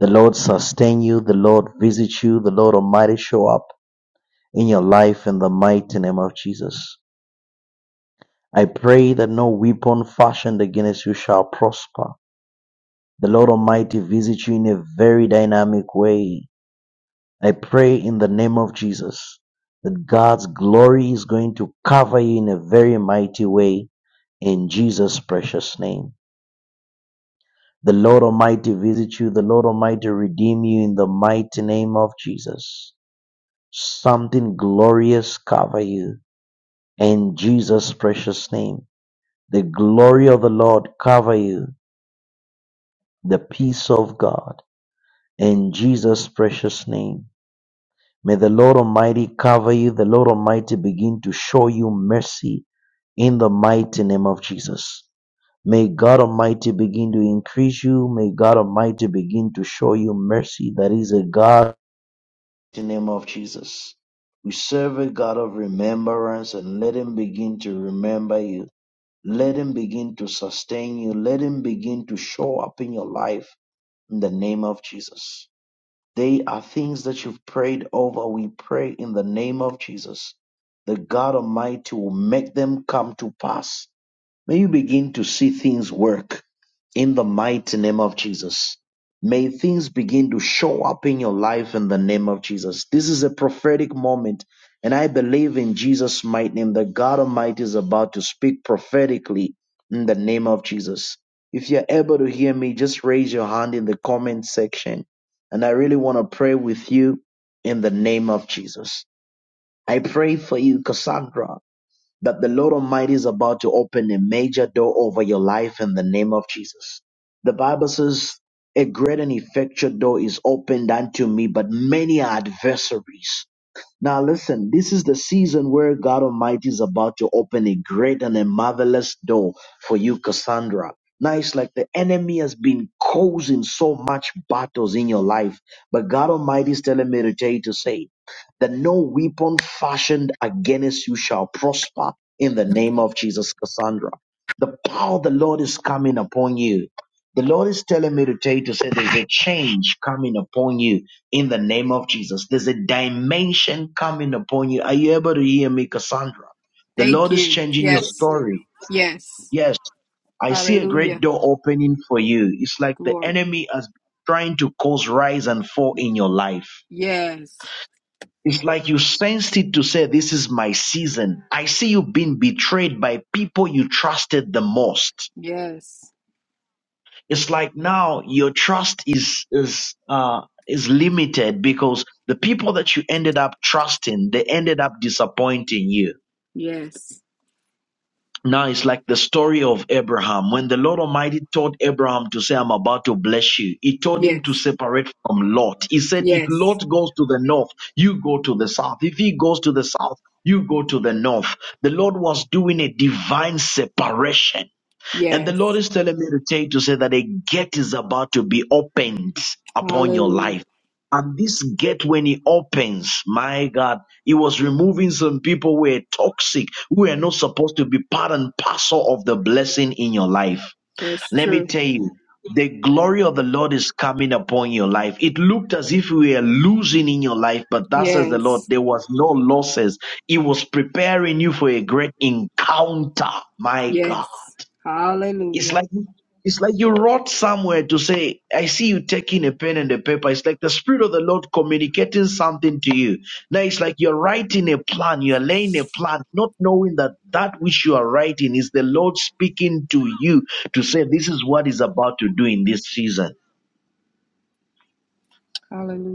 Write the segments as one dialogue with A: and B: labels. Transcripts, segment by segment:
A: The Lord sustain you. The Lord visit you. The Lord Almighty show up in your life in the mighty name of Jesus. I pray that no weapon fashioned against you shall prosper. The Lord Almighty visit you in a very dynamic way. I pray in the name of Jesus that God's glory is going to cover you in a very mighty way in Jesus' precious name. The Lord Almighty visit you. The Lord Almighty redeem you in the mighty name of Jesus. Something glorious cover you, in Jesus' precious name. The glory of the Lord cover you, the peace of God, in Jesus' precious name. May the Lord Almighty cover you, the Lord Almighty begin to show you mercy in the mighty name of Jesus. May God Almighty begin to increase you. May God Almighty begin to show you mercy. That is a God the name of Jesus. We serve a God of remembrance and let Him begin to remember you. Let Him begin to sustain you. Let Him begin to show up in your life in the name of Jesus. They are things that you've prayed over. We pray in the name of Jesus. The God Almighty will make them come to pass May you begin to see things work in the mighty name of Jesus. May things begin to show up in your life in the name of Jesus. This is a prophetic moment, and I believe in Jesus' mighty name that God Almighty is about to speak prophetically in the name of Jesus. If you're able to hear me, just raise your hand in the comment section, and I really want to pray with you in the name of Jesus. I pray for you, Cassandra that the Lord Almighty is about to open a major door over your life in the name of Jesus. The Bible says, A great and effectual door is opened unto me, but many are adversaries. Now, listen, this is the season where God Almighty is about to open a great and a marvelous door for you, Cassandra. Now, it's like the enemy has been causing so much battles in your life, but God Almighty is telling me to tell you to say that no weapon fashioned against you shall prosper in the name of Jesus, Cassandra. The power of the Lord is coming upon you. The Lord is telling me to tell you to say there's a change coming upon you in the name of Jesus. There's a dimension coming upon you. Are you able to hear me, Cassandra? The
B: Thank
A: Lord is
B: you.
A: changing your
B: Yes.
A: story.
B: Yes.
A: Yes, I see a great
B: Hallelujah.
A: door opening for you. It's like the
B: Glory.
A: enemy has been trying to cause rise and fall in your life.
B: Yes.
A: It's like you sensed it to say, This is my season. I see you being betrayed by people you trusted the most.
B: Yes.
A: it's like now your trust is is uh is limited because the people that you ended up trusting they ended up disappointing you
B: Yes.
A: now it's like the story of abraham when the lord almighty told abraham to say i'm about to bless you he told him to
B: Yes.
A: separate from lot he said if
B: Yes.
A: lot goes to the north you go to the south if he goes to the south you go to the north the lord was doing a divine separation and the Lord
B: Yes.
A: is telling me to take to say that a gate is about to be opened upon your
B: Hallelujah.
A: life. And this gate, when it opens, my God, it was removing some people who were toxic, who were not supposed to be part and parcel of the blessing in your life.
B: That's
A: Let me
B: true.
A: tell you, the glory of the Lord is coming upon your life. It looked as if we were losing in your life, but that says the Lord,
B: Yes.
A: there was no losses. He was preparing you for a great encounter. My God.
B: Yes.
A: It's
B: Hallelujah.
A: like it's like you wrote somewhere to say, I see you taking a pen and a paper. It's like the Spirit of the Lord communicating something to you. Now it's like you're writing a plan, you're laying a plan, not knowing that that which you are writing is the Lord speaking to you to say, This is what is about to do in this season.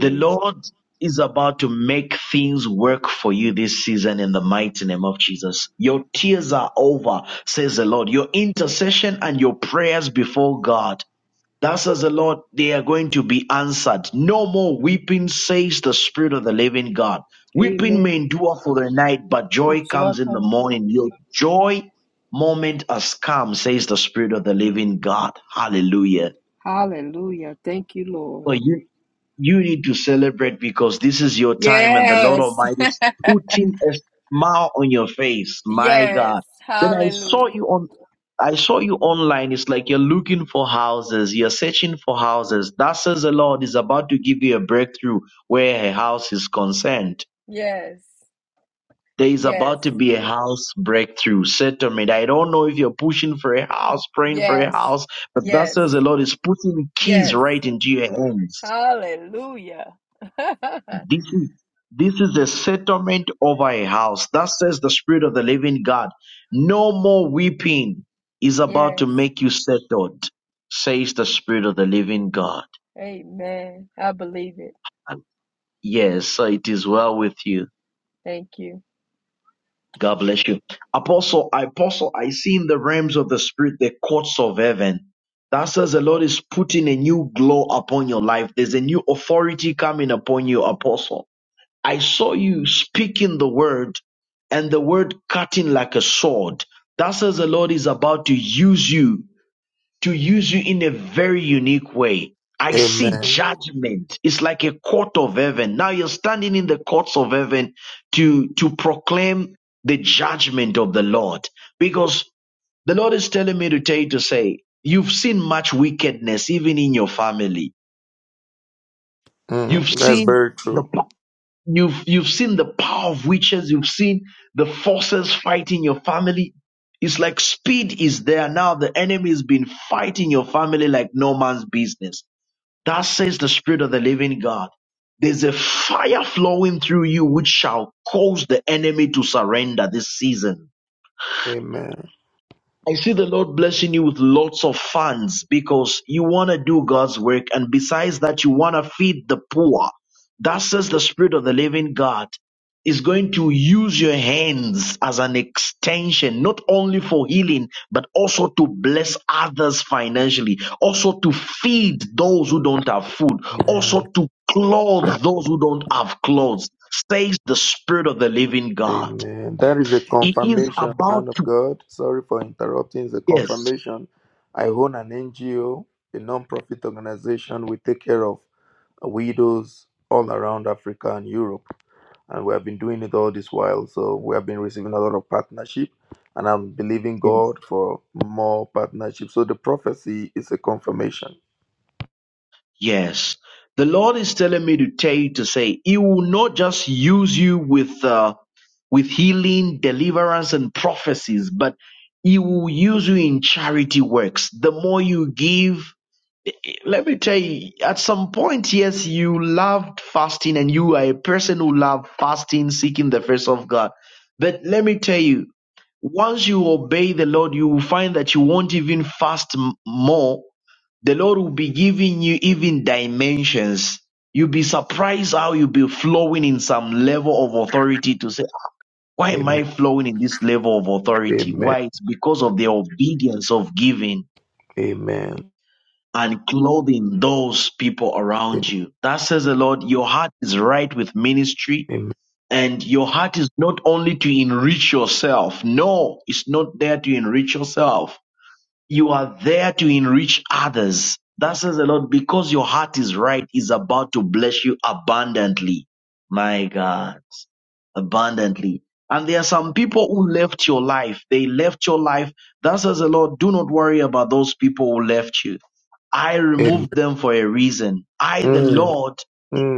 A: The Lord is about to make things work for you this season in the mighty name of Jesus. Your tears are over, says the Lord. Your intercession and your prayers before God. Thus says the Lord, they are going to be answered. No more weeping, says the Spirit of the living God. Weeping may
B: Amen.
A: endure for the night, but
B: With
A: joy
B: your
A: comes in the
B: company.
A: morning. Your joy moment has come, says the Spirit of the living God. Hallelujah.
B: Hallelujah. Thank you, Lord.
A: For you you need to celebrate because this is your time and the Lord
B: Yes.
A: Almighty is putting a smile on your face. My
B: yes.
A: God. Then I saw
B: Hallelujah.
A: you on I saw you online. It's like you're looking for houses, you're searching for houses. That says the Lord is about to give you a breakthrough where a house is concerned.
B: Yes.
A: There is
B: Yes.
A: about to be a house breakthrough settlement. I don't know if you're pushing for a house, praying for a
B: Yes.
A: house, but that says
B: Yes.
A: the Lord is putting keys
B: Yes.
A: right into your hands
B: Hallelujah.
A: This is this is a settlement over a house. Thus says the Spirit of the Living God. No more weeping is about to
B: yes.
A: make you settled, says the Spirit of the Living God.
B: Amen. I believe it.
A: And yes, so it is well with you.
B: Thank you.
A: God bless you. Apostle, apostle, I see in the realms of the spirit the courts of heaven. That says the Lord is putting a new glow upon your life. There's a new authority coming upon you, apostle. I saw you speaking the word and the word cutting like a sword. That says the Lord is about to use you, to use you in a very unique way. I see
C: Amen.
A: judgment. It's like a court of heaven. Now you're standing in the courts of heaven to, to proclaim the judgment of the Lord. Because the Lord is telling me to tell you to say, you've seen much wickedness even in your family. You've
C: Mm, that's
A: seen
C: very true.
A: the You've you've seen the power of witches. You've seen the forces fighting your family. It's like speed is there now. The enemy has been fighting your family like no man's business. That says the spirit of the living God. There's a fire flowing through you which shall cause the enemy to surrender this season
C: Amen.
A: I see the Lord blessing you with lots of funds because you want to do God's work. And besides that, you want to feed the poor. That says the Spirit of the living God is going to use your hands as an extension, not only for healing, but also to bless others financially, also to feed those who don't have food,
C: Amen.
A: also to clothe those who don't have clothes, says the Spirit of the living God.
C: Amen. That is a
A: It is
C: confirmation, man
A: about
C: of
A: to,
C: God. Sorry for interrupting. It's a
A: yes,
C: confirmation. I own an NGO, a non-profit organization. We take care of widows all around Africa and Europe, and we have been doing it all this while. So we have been receiving a lot of partnership, and I'm believing
A: yes.
C: God for more partnership. So the prophecy is a confirmation.
A: Yes. The Lord is telling me to tell you to say He will not just use you with uh, with healing, deliverance, and prophecies, but He will use you in charity works. The more you give, let me tell you, at some point, yes, you loved fasting and you are a person who loved fasting, seeking the face of God. But let me tell you, once you obey the Lord, you will find that you won't even fast m- more the Lord will be giving you even dimensions. You'll be surprised how you'll be flowing in some level of authority to say, why am
C: Amen.
A: I flowing in this level of authority?
C: Amen.
A: Why? It's because of the obedience of giving
C: Amen.
A: and clothing those people around you. That says the Lord, your heart is right with ministry
C: Amen.
A: and your heart is not only to enrich yourself. No, it's not there to enrich yourself you are there to enrich others. That says the Lord, because your heart is right, is about to bless you abundantly. My God, abundantly. And there are some people who left your life. They left your life. That says the Lord, do not worry about those people who left you. I removed them for a reason. I, the
C: Mm,
A: Lord,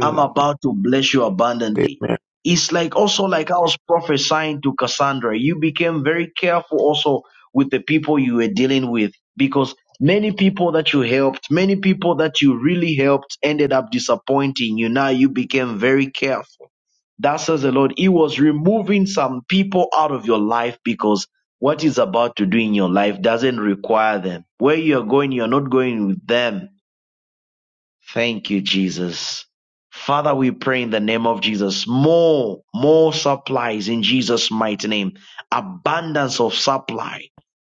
A: I'm about to bless you abundantly.
C: Amen.
A: It's like also like I was prophesying to Cassandra. You became very careful also with the people you were dealing with because many people that you helped, many people that you really helped ended up disappointing you. Now you became very careful. That says the Lord. He was removing some people out of your life because what is about to do in your life doesn't require them. Where you're going, you're not going with them Thank you, Jesus. Father, we pray in the name of Jesus. More, more supplies in Jesus' mighty name. Abundance of supply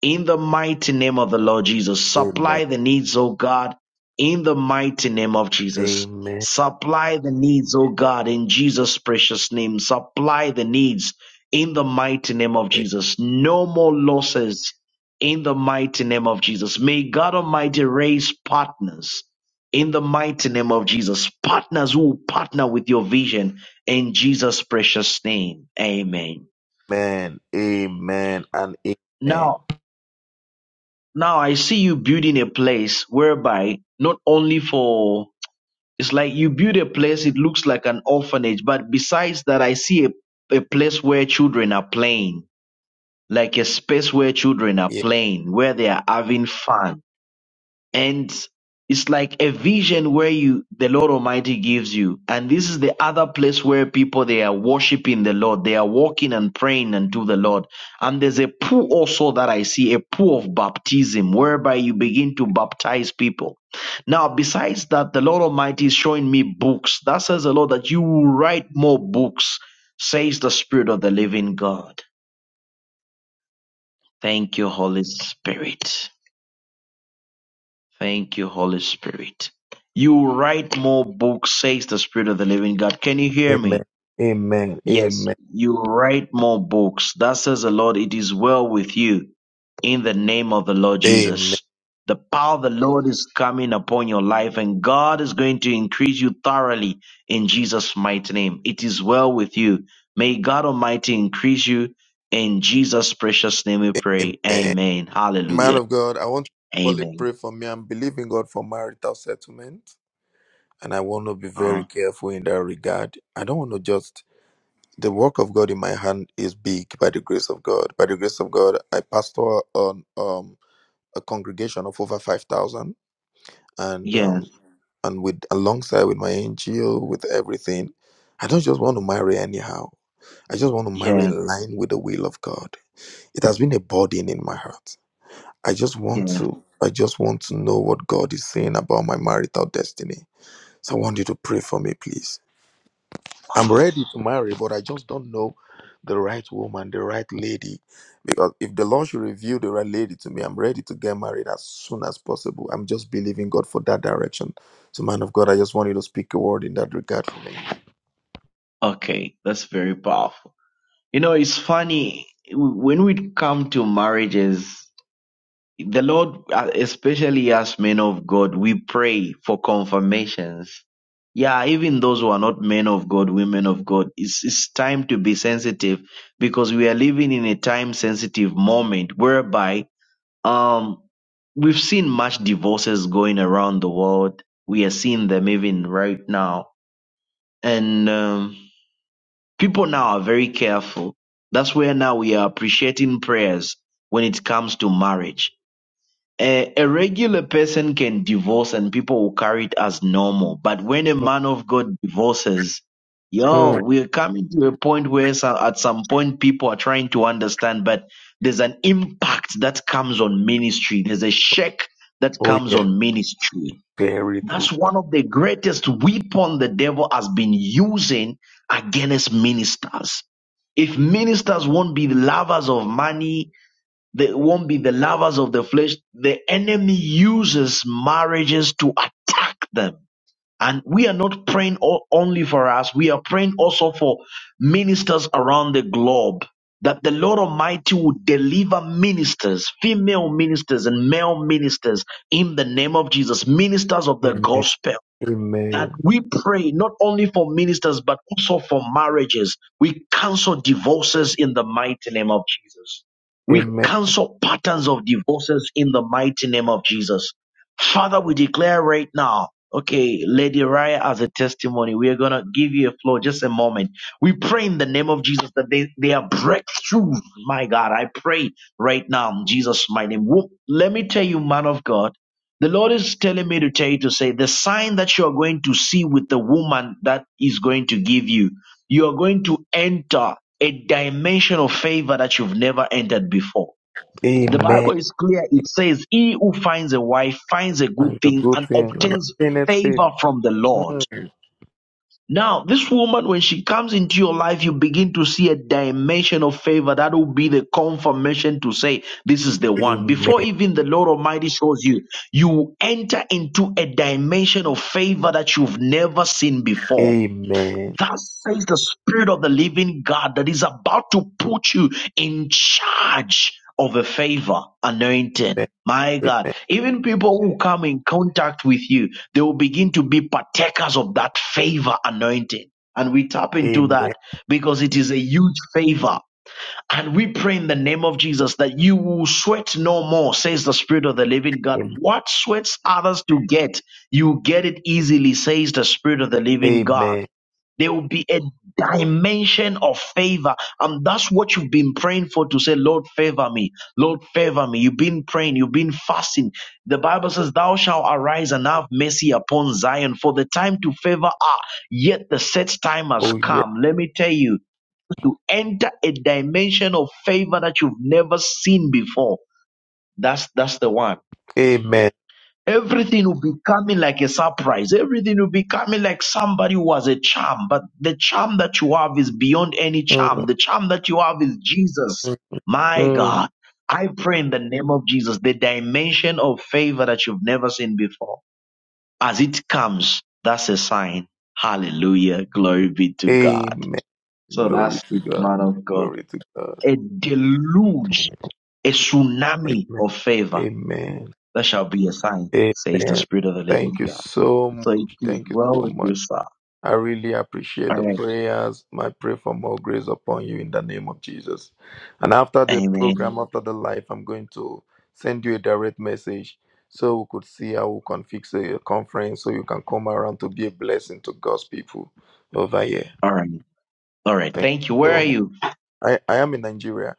A: in the mighty name of the Lord Jesus.
C: Amen.
A: Supply the needs, O God, in the mighty name of Jesus.
C: Amen.
A: Supply the needs, O God, in Jesus' precious name. Supply the needs in the mighty name of Jesus. No more losses in the mighty name of Jesus. May God Almighty raise partners in the mighty name of Jesus. Partners who will partner with your vision in Jesus' precious name. Amen.
C: Amen. Amen. And amen.
A: Now, now I see you building a place whereby not only for it's like you build a place, it looks like an orphanage, but besides that, I see a, a place where children are playing, like a space where children are
C: Yeah.
A: playing, where they are having fun and it's like a vision where you the lord almighty gives you and this is the other place where people they are worshiping the lord they are walking and praying unto the lord and there's a pool also that i see a pool of baptism whereby you begin to baptize people now besides that the lord almighty is showing me books that says the lord that you will write more books says the spirit of the living god thank you holy spirit Thank you, Holy Spirit. You will write more books, says the Spirit of the Living God. Can you hear
C: Amen.
A: me?
C: Amen.
A: Yes,
C: Amen.
A: you will write more books. Thus says the Lord, it is well with you in the name of the Lord
C: Amen.
A: Jesus. The power of the Lord is coming upon your life, and God is going to increase you thoroughly in Jesus' mighty name. It is well with you. May God Almighty increase you in Jesus' precious name. We pray.
C: Amen.
A: Amen.
C: Man
A: Hallelujah.
C: of God, I want you to only
A: Amen.
C: pray for me. I'm believing God for marital settlement. And I want to be very
A: Wow.
C: careful in that regard. I don't want to just the work of God in my hand is big by the grace of God. By the grace of God, I pastor on um a congregation of over five thousand. and.
A: Yeah.
C: um, and with alongside with my NGO with everything. I don't just want to marry anyhow. I just want to marry
A: Yes.
C: in line with the will of God. It has been a burden in my heart. I just want
A: Yeah.
C: to I just want to know what God is saying about my marital destiny. So I want you to pray for me, please. I'm ready to marry, but I just don't know the right woman, the right lady. Because if the Lord should reveal the right lady to me, I'm ready to get married as soon as possible. I'm just believing God for that direction. So, man of God, I just want you to speak a word in that regard for me.
A: Okay, that's very powerful. You know, it's funny when we come to marriages, the Lord, uh, especially as men of God, we pray for confirmations. Yeah, even those who are not men of God, women of God, it's, it's time to be sensitive because we are living in a time sensitive moment whereby um we've seen much divorces going around the world. We are seeing them even right now. And um People now are very careful. That's where now we are appreciating prayers when it comes to marriage. A, a regular person can divorce and people will carry it as normal. But when a man of God divorces, yo,
C: Mm.
A: we're coming to a point where so- at some point people are trying to understand, but there's an impact that comes on ministry. There's a shake that
C: Oh,
A: comes
C: yeah.
A: on ministry.
C: Very true.
A: That's one of the greatest weapon the devil has been using against ministers. If ministers won't be the lovers of money, they won't be the lovers of the flesh, the enemy uses marriages to attack them. And we are not praying o- only for us, we are praying also for ministers around the globe that the Lord Almighty will deliver ministers, female ministers and male ministers in the name of Jesus, ministers of the
C: Amen.
A: gospel that
C: Amen.
A: we pray not only for ministers but also for marriages. We cancel divorces in the mighty name of Jesus. We
C: Amen.
A: cancel patterns of divorces in the mighty name of Jesus. Father, we declare right now, okay, Lady Raya as a testimony, we are going to give you a floor just a moment. We pray in the name of Jesus that they, they are breakthrough. My God, I pray right now in Jesus' mighty name. Wo- Let me tell you, man of God. The Lord is telling me to tell you to say the sign that you are going to see with the woman that is going to give you, you are going to enter a dimension of favor that you've never entered before. The
C: Amen.
A: Bible is clear. It says, He who finds a wife finds a good
C: And the
A: thing
C: good
A: and
C: thing and
A: obtains
C: obtain it faith.
A: favor from the Lord.
C: Mm.
A: Now, this woman, when she comes into your life, you begin to see a dimension of favor that will be the confirmation to say, This is the one.
C: Amen.
A: Before even the Lord Almighty shows you, you enter into a dimension of favor that you've never seen before.
C: Amen.
A: Thus says the Spirit of the living God that is about to put you in charge of a favor, anointing. My God,
C: Amen.
A: even people who come in contact with you, they will begin to be partakers of that favor anointing. And we tap into
C: Amen.
A: that because it is a huge favor. And we pray in the name of Jesus that you will sweat no more, says the Spirit of the living God.
C: Amen.
A: What sweats others to get, you get it easily, says the Spirit of the living God.
C: Amen.
A: There will be a dimension of favor. And that's what you've been praying for to say, Lord, favor me. Lord, favor me. You've been praying. You've been fasting. The Bible says, Thou shalt arise and have mercy upon Zion. For the time to favor are, yet the set time has
C: Oh yeah.
A: come. Let me tell you, to enter a dimension of favor that you've never seen before. That's that's the one.
C: Amen.
A: Everything will be coming like a surprise. Everything will be coming like somebody who has a charm, but the charm that you have is beyond any
C: Mm,
A: charm. The charm that you have is Jesus.
C: mm,
A: My
C: mm.
A: God. I pray in the name of Jesus, the dimension of favor that you've never seen before. As it comes, that's a sign. Hallelujah. Glory be to God.
C: Amen.
A: So
C: Glory
A: that's
C: to
A: it,
C: God.
A: man of God.
C: Glory to God.
A: A deluge, a tsunami
C: Amen.
A: of favor.
C: Amen.
A: That shall be a sign, says the
C: Amen.
A: Spirit of the living
C: Thank you
A: God.
C: so much.
A: So it is
C: Thank you
A: well
C: so
A: with
C: much.
A: you, sir.
C: I really appreciate
A: All
C: the
A: right.
C: prayers. I pray for more grace upon you in the name of Jesus. And after the
A: Amen.
C: program, after the live, I'm going to send you a direct message so we could see how we can fix a conference so you can come around to be a blessing to God's people over here.
A: All right. All right.
C: Thank
A: Thank you.
C: you
A: Where
C: so
A: are
C: much.
A: you?
C: I, I am in Nigeria.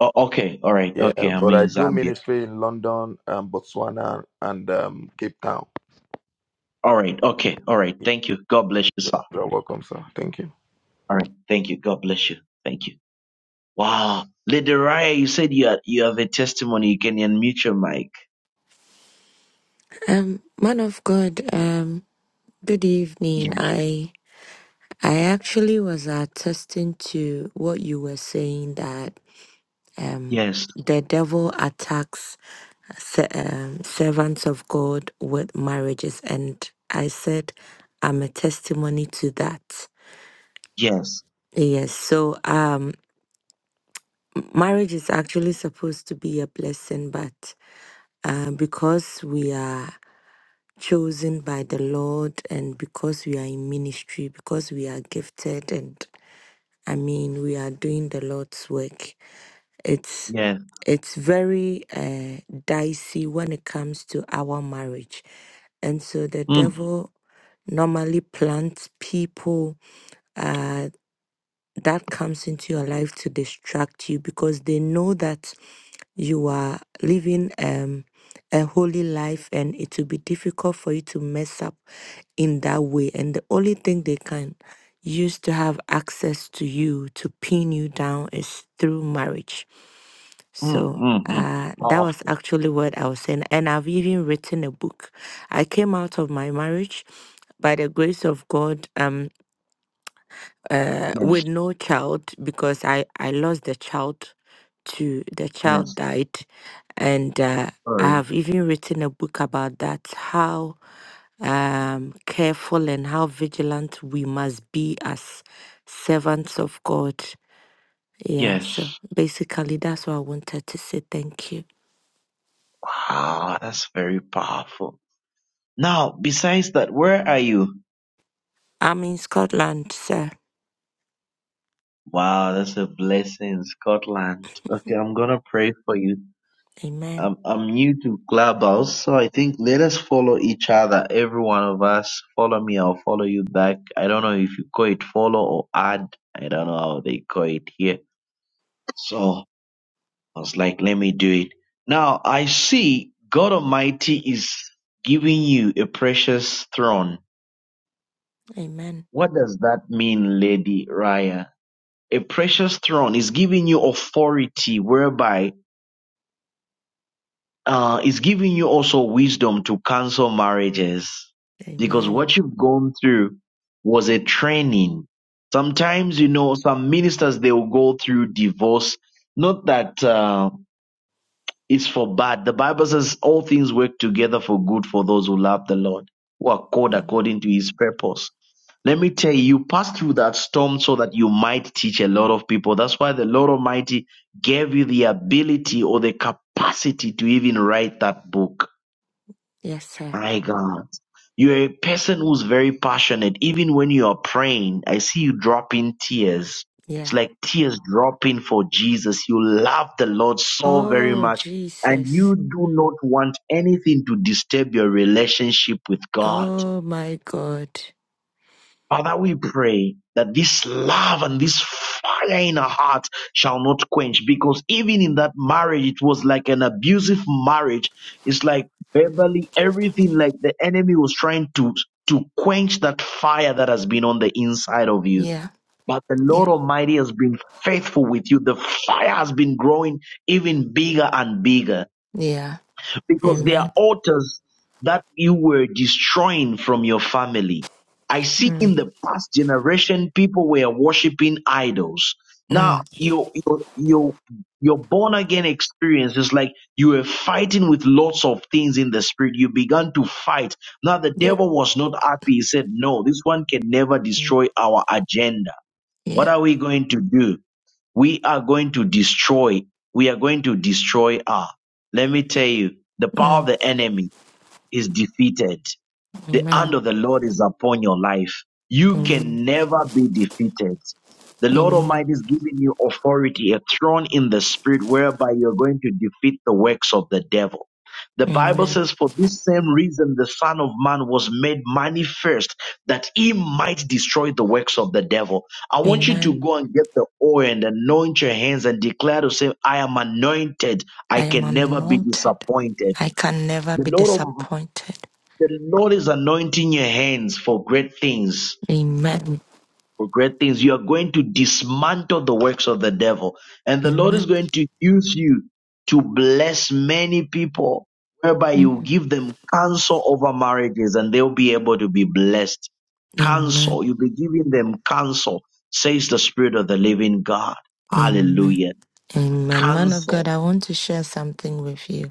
A: Oh, okay. All right.
C: Yeah,
A: Okay. I'm
C: but I
A: in
C: do
A: Zambia.
C: ministry in London, um, Botswana, and um, Cape Town.
A: All right. Okay. All right. Thank you. God bless you, sir.
C: You're welcome, sir. Thank you.
A: All right. Thank you. God bless you. Thank you. Wow. Lady Raya, you said you, had, you have a testimony. You can unmute your mic.
D: Um, man of God, um, good evening.
A: Yeah.
D: I I actually was attesting to what you were saying that um
A: Yes.
D: the devil attacks se- um, servants of God with marriages, and I said I'm a testimony to that.
A: Yes.
D: Yes, so um, marriage is actually supposed to be a blessing, but uh, because we are chosen by the Lord and because we are in ministry, because we are gifted and I mean we are doing the Lord's work. It's
A: Yes.
D: it's very uh, dicey when it comes to our marriage. And so the
A: Mm,
D: devil normally plants people uh, that comes into your life to distract you because they know that you are living um, a holy life and it will be difficult for you to mess up in that way. And the only thing they can use to have access to you to pin you down is through marriage.
A: mm,
D: So
A: mm, mm.
D: uh, that
A: Oh,
D: was actually what I was saying. And I've even written a book. I came out of my marriage by the grace of God. Um uh,
A: yes.
D: with no child because I, I lost the child to the child
A: Yes.
D: died. And uh, I
A: Sorry.
D: have even written a book about that how um, careful and how vigilant we must be as servants of God. Yeah, so
A: Yes.
D: basically, that's what I wanted to say. Thank you.
A: Wow. That's very powerful. Now, besides that, where are you?
D: I'm in Scotland, sir.
A: Wow, that's a blessing, Scotland. Okay, I'm gonna pray for you.
D: Amen.
A: I'm I'm new to Clubhouse, so I think let us follow each other. Every one of us, follow me. I'll follow you back. I don't know if you call it follow or add. I don't know how they call it here. So I was like, let me do it. Now I see God Almighty is giving you a precious throne.
D: Amen.
A: What does that mean, Lady Raya? A precious throne is giving you authority whereby uh, is giving you also wisdom to cancel marriages because
D: Amen.
A: what you've gone through was a training. Sometimes, you know, some ministers, they will go through divorce. Not that, uh, it's for bad. The Bible says all things work together for good for those who love the Lord, who are called
D: Mm.
A: according to his purpose. Let me tell you, you passed through that storm so that you might teach a lot of people. That's why the Lord Almighty gave you the ability or the capacity to even write that book
D: Yes, sir.
A: my God. You're a person who's very passionate. Even when you are praying, I see you dropping tears. It's
D: Yeah.
A: like tears dropping for Jesus. You love the Lord so very
D: Oh,
A: much. And
D: Jesus.
A: you do not want anything to disturb your relationship with God.
D: Oh my God.
A: Father, we pray that this love and this fire in our heart shall not quench because even in that marriage, it was like an abusive marriage. It's like verbally everything, like the enemy was trying to, to quench that fire that has been on the inside of you.
D: Yeah,
A: But the
D: yeah,
A: Lord Almighty has been faithful with you. The fire has been growing even bigger and bigger
D: yeah.
A: because there are
D: Amen.
A: altars that you were destroying from your family. I see
D: Mm,
A: in the past generation people were worshiping idols. Now
D: mm,
A: your your your your born again experience is like you were fighting with lots of things in the spirit. You began to fight. Now the
D: yeah,
A: devil was not happy. He said, "No, this one can never
D: mm,
A: destroy our agenda.
D: yeah.
A: What are we going to do?" we are going to destroy. We are going to destroy her. Let me tell you, the power
D: Mm,
A: of the enemy is defeated. The hand
D: amen.
A: of the Lord is upon your life. You
D: Amen.
A: can never be defeated. The Lord
D: Amen.
A: Almighty is giving you authority, a throne in the spirit, whereby you're going to defeat the works of the devil. The Bible
D: Amen.
A: says, For this same reason, the Son of Man was made manifest that he might destroy the works of the devil. I want you
D: Amen.
A: to go and get the oil and anoint your hands and declare to say, I am anointed.
D: I
A: I
D: am
A: can never be
D: anointed.
A: disappointed.
D: I can never
A: The
D: be
A: Lord
D: disappointed.
A: the Lord is anointing your hands for great things.
D: Amen.
A: For great things. You are going to dismantle the works of the devil. And the Lord is
D: Amen.
A: going to use you to bless many people, whereby you
D: Mm.
A: give them counsel over marriages and they'll be able to be blessed.
D: Amen.
A: Counsel. You'll be giving them counsel, says the Spirit of the living God.
D: Amen.
A: Hallelujah.
D: Amen. Man of God,
A: Counsel.
D: I want to share something with you.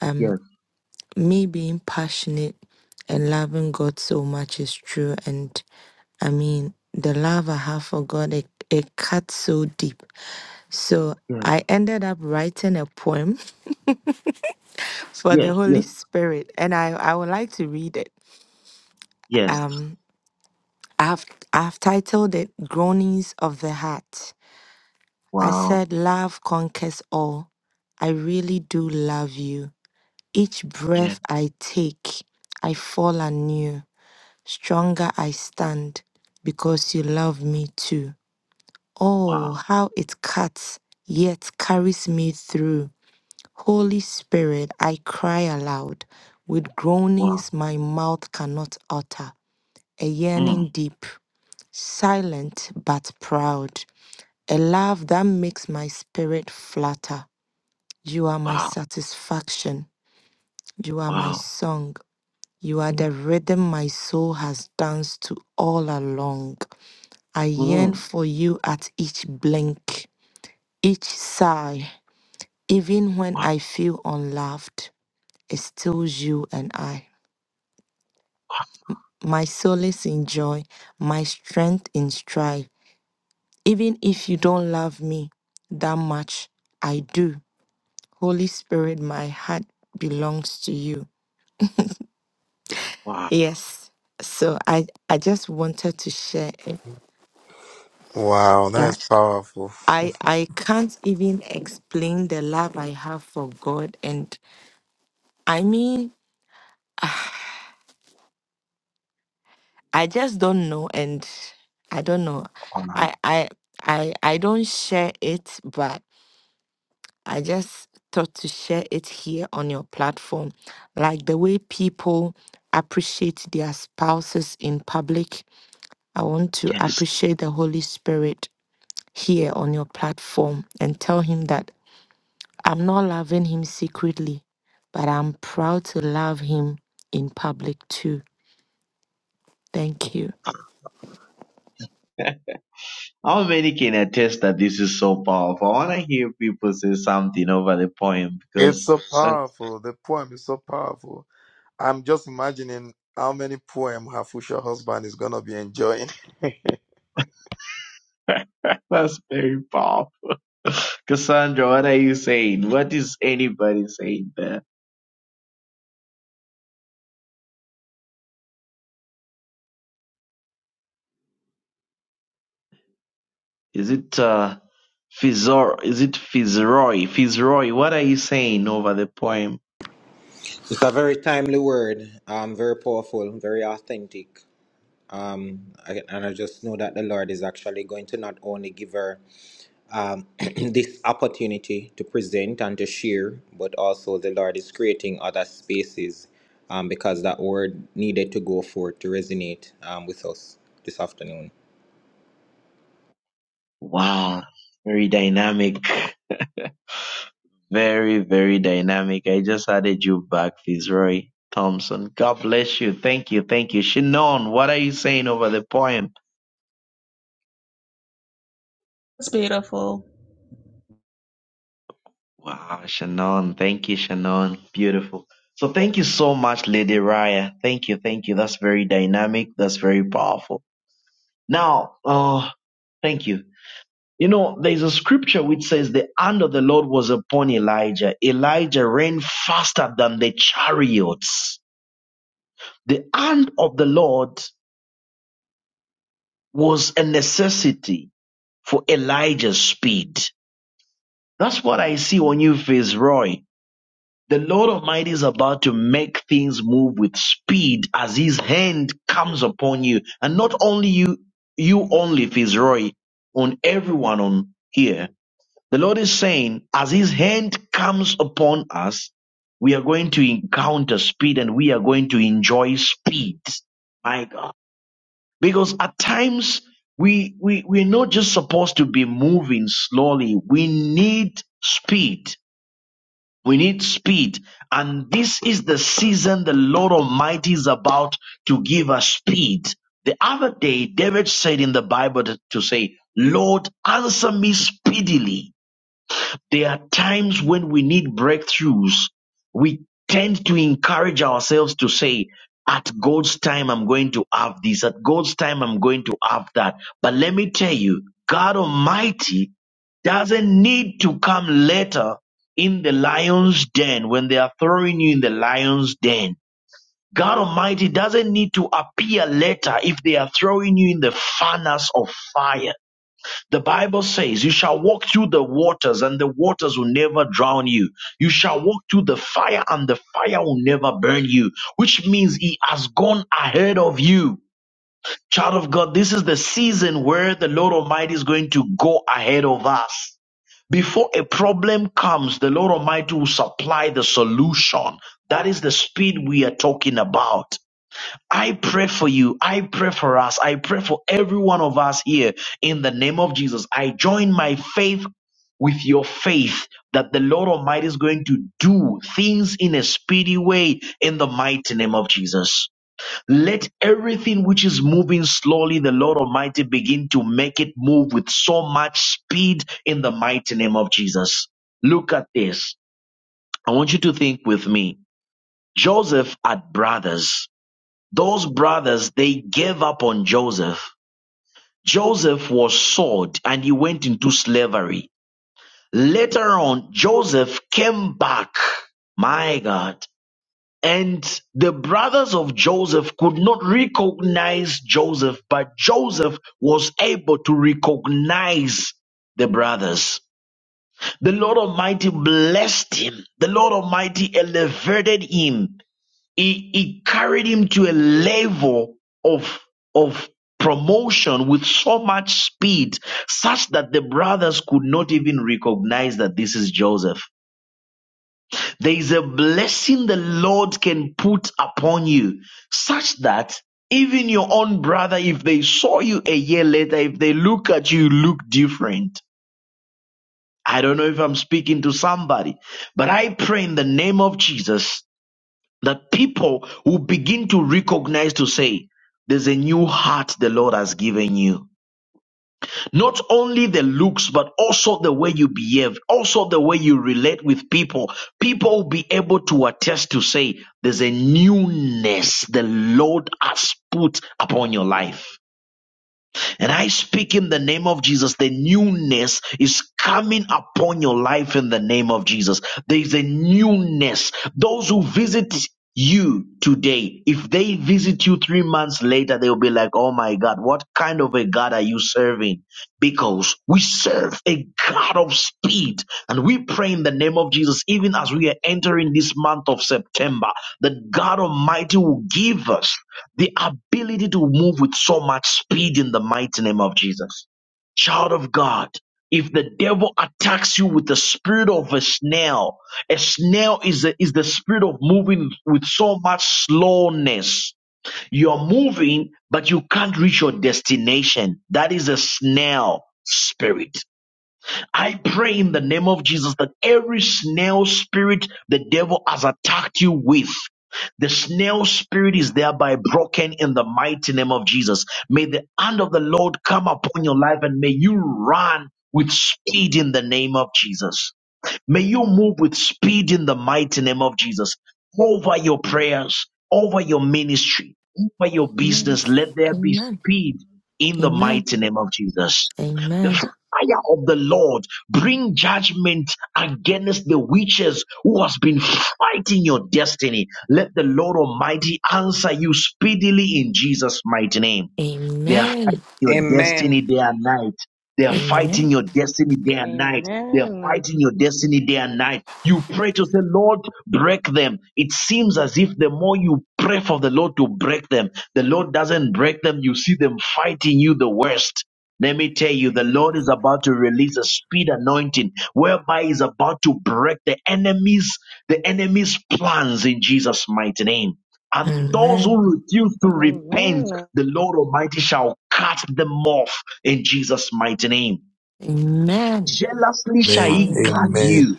D: Um,
A: Yes,
D: me being passionate and loving God so much is true. And I mean, the love I have for God, it, it cuts so deep. So
A: yes,
D: I ended up writing a poem for the
A: yes,
D: Holy
A: yes,
D: Spirit, and I, I would like to read it.
A: yes.
D: Um, I've, I've titled it Groanings of the Heart. I
A: Wow.
D: said, Love conquers all. I really do love you. Each
A: Yes.
D: breath I take, I fall anew. Stronger I stand because you love me too. Oh,
A: Wow.
D: how it cuts, yet carries me through. Holy Spirit, I cry aloud with
A: Wow.
D: groanings my mouth cannot utter. A
A: Mm.
D: yearning deep, silent but proud. A love that makes my spirit flutter. You are my
A: Wow.
D: satisfaction. You are my
A: Wow.
D: song. You are the rhythm my soul has danced to all along. I yearn
A: Mm.
D: for you at each blink, each sigh. Even when
A: Wow,
D: I feel unloved, it's still you and I. My solace in joy, my strength in strife. Even if you don't love me that much, I do. Holy Spirit, my heart belongs to you.
A: wow,
D: Yes. So I, I just wanted to share it
C: Wow, that is
D: that
C: powerful.
D: I I can't even explain the love I have for God and I mean I just don't know, and I don't know.
A: wow.
D: I I I I don't share it, but I just thought to share it here on your platform, like the way people appreciate their spouses in public. I want to
A: Yes.
D: appreciate the Holy Spirit here on your platform and tell him that I'm not loving him secretly, but I'm proud to love him in public too. Thank you.
A: How many can attest that this is so powerful? I want to hear people say something over the poem
C: It's
A: because
C: so
A: that's,
C: powerful. The poem is so powerful. I'm just imagining how many poem her future husband is gonna be enjoying.
A: that's very powerful. Cassandra, what are you saying? What is anybody saying there? Is it uh, Fitzroy? Is it Fitzroy? Fitzroy, what are you saying over the poem?
E: It's a very timely word, um, very powerful, very authentic. Um, I- and I just know that the Lord is actually going to not only give her um, this opportunity to present and to share, but also the Lord is creating other spaces um, because that word needed to go forth to resonate um, with us this afternoon.
A: Wow, very dynamic. Very, very dynamic. I just added you back, Fitzroy Thompson. God bless you. Thank you. Thank you. Shannon, what are you saying over the poem?
F: It's beautiful
A: Wow, Shannon. Thank you, Shannon. Beautiful. So thank you so much, Lady Raya. Thank you. Thank you. That's very dynamic. That's very powerful. Now, uh, thank you. You know, there's a scripture which says the hand of the Lord was upon Elijah. Elijah ran faster than the chariots. The hand of the Lord was a necessity for Elijah's speed. That's what I see on you, Roy. The Lord Almighty is about to make things move with speed as His hand comes upon you, and not only you, you only, Roy, on everyone on here. The Lord is saying, as His hand comes upon us, we are going to encounter speed, and we are going to enjoy speed. My God. Because at times we, we, we're not just supposed to be moving slowly. We need speed. We need speed. And this is the season the Lord Almighty is about to give us speed. The other day, David said in the Bible to to say, Lord, answer me speedily. There are times when we need breakthroughs. We tend to encourage ourselves to say, at God's time, I'm going to have this. At God's time, I'm going to have that. But let me tell you, God Almighty doesn't need to come later in the lion's den when they are throwing you in the lion's den. God Almighty doesn't need to appear later if they are throwing you in the furnace of fire. The Bible says, You shall walk through the waters, and the waters will never drown you. You shall walk through the fire, and the fire will never burn you, which means He has gone ahead of you. Child of God, this is the season where the Lord Almighty is going to go ahead of us. Before a problem comes, the Lord Almighty will supply the solution. That is the speed we are talking about. I pray for you. I pray for us. I pray for every one of us here in the name of Jesus. I join my faith with your faith that the Lord Almighty is going to do things in a speedy way in the mighty name of Jesus. Let everything which is moving slowly, the Lord Almighty begin to make it move with so much speed in the mighty name of Jesus. Look at this. I want you to think with me. Joseph had brothers. Those brothers, they gave up on Joseph. Joseph was sold and he went into slavery. Later on, Joseph came back. My God. And the brothers of Joseph could not recognize Joseph, but Joseph was able to recognize the brothers. The Lord Almighty blessed him. The Lord Almighty elevated him he, he carried him to a level of, of promotion with so much speed, such that the brothers could not even recognize that this is Joseph. There is a blessing the Lord can put upon you, such that even your own brother, if they saw you a year later, if they look at you, you look different. I don't know if I'm speaking to somebody, but I pray in the name of Jesus that people will begin to recognize to say, there's a new heart the Lord has given you. Not only the looks, but also the way you behave, also the way you relate with people. People will be able to attest to say, there's a newness the Lord has put upon your life. And I speak in the name of Jesus. The newness is coming upon your life in the name of Jesus. There is a newness. Those who visit you today, if they visit you three months later, they'll be like, Oh my God, what kind of a God are you serving? Because we serve a God of speed and we pray in the name of Jesus, even as we are entering this month of September, that God Almighty will give us the ability to move with so much speed in the mighty name of Jesus. Child of God, if the devil attacks you with the spirit of a snail, a snail is, a, is the spirit of moving with so much slowness. You're moving, but you can't reach your destination. That is a snail spirit. I pray in the name of Jesus that every snail spirit the devil has attacked you with, the snail spirit is thereby broken in the mighty name of Jesus. May the hand of the Lord come upon your life and may you run with speed in the name of Jesus. May you move with speed in the mighty name of Jesus. Over your prayers, over your ministry, over your
D: Amen.
A: business, let there be
D: Amen.
A: speed in the
D: Amen.
A: mighty name of Jesus the
D: Amen.
A: fire of the Lord bring judgment against the witches who has been fighting your destiny. Let the Lord Almighty answer you speedily in Jesus' mighty name. They are
D: Amen.
A: fighting your
E: Amen.
A: destiny day and night. They are fighting
D: Amen.
A: your destiny day and night. They are
G: Amen.
A: fighting your destiny day and night. You pray to say, Lord, break them. It seems as if the more you pray for the Lord to break them, the Lord doesn't break them. You see them fighting you the worst. Let me tell you, the Lord is about to release a speed anointing whereby He's about to break the enemy's, the enemy's plans in Jesus' mighty name. And those
D: Amen.
A: who refuse to repent,
G: Amen.
A: the Lord Almighty shall cut them off in Jesus' mighty name.
D: Amen.
A: Jealously shall
C: Amen.
A: he guard
D: Hallelujah.
C: Amen.
A: you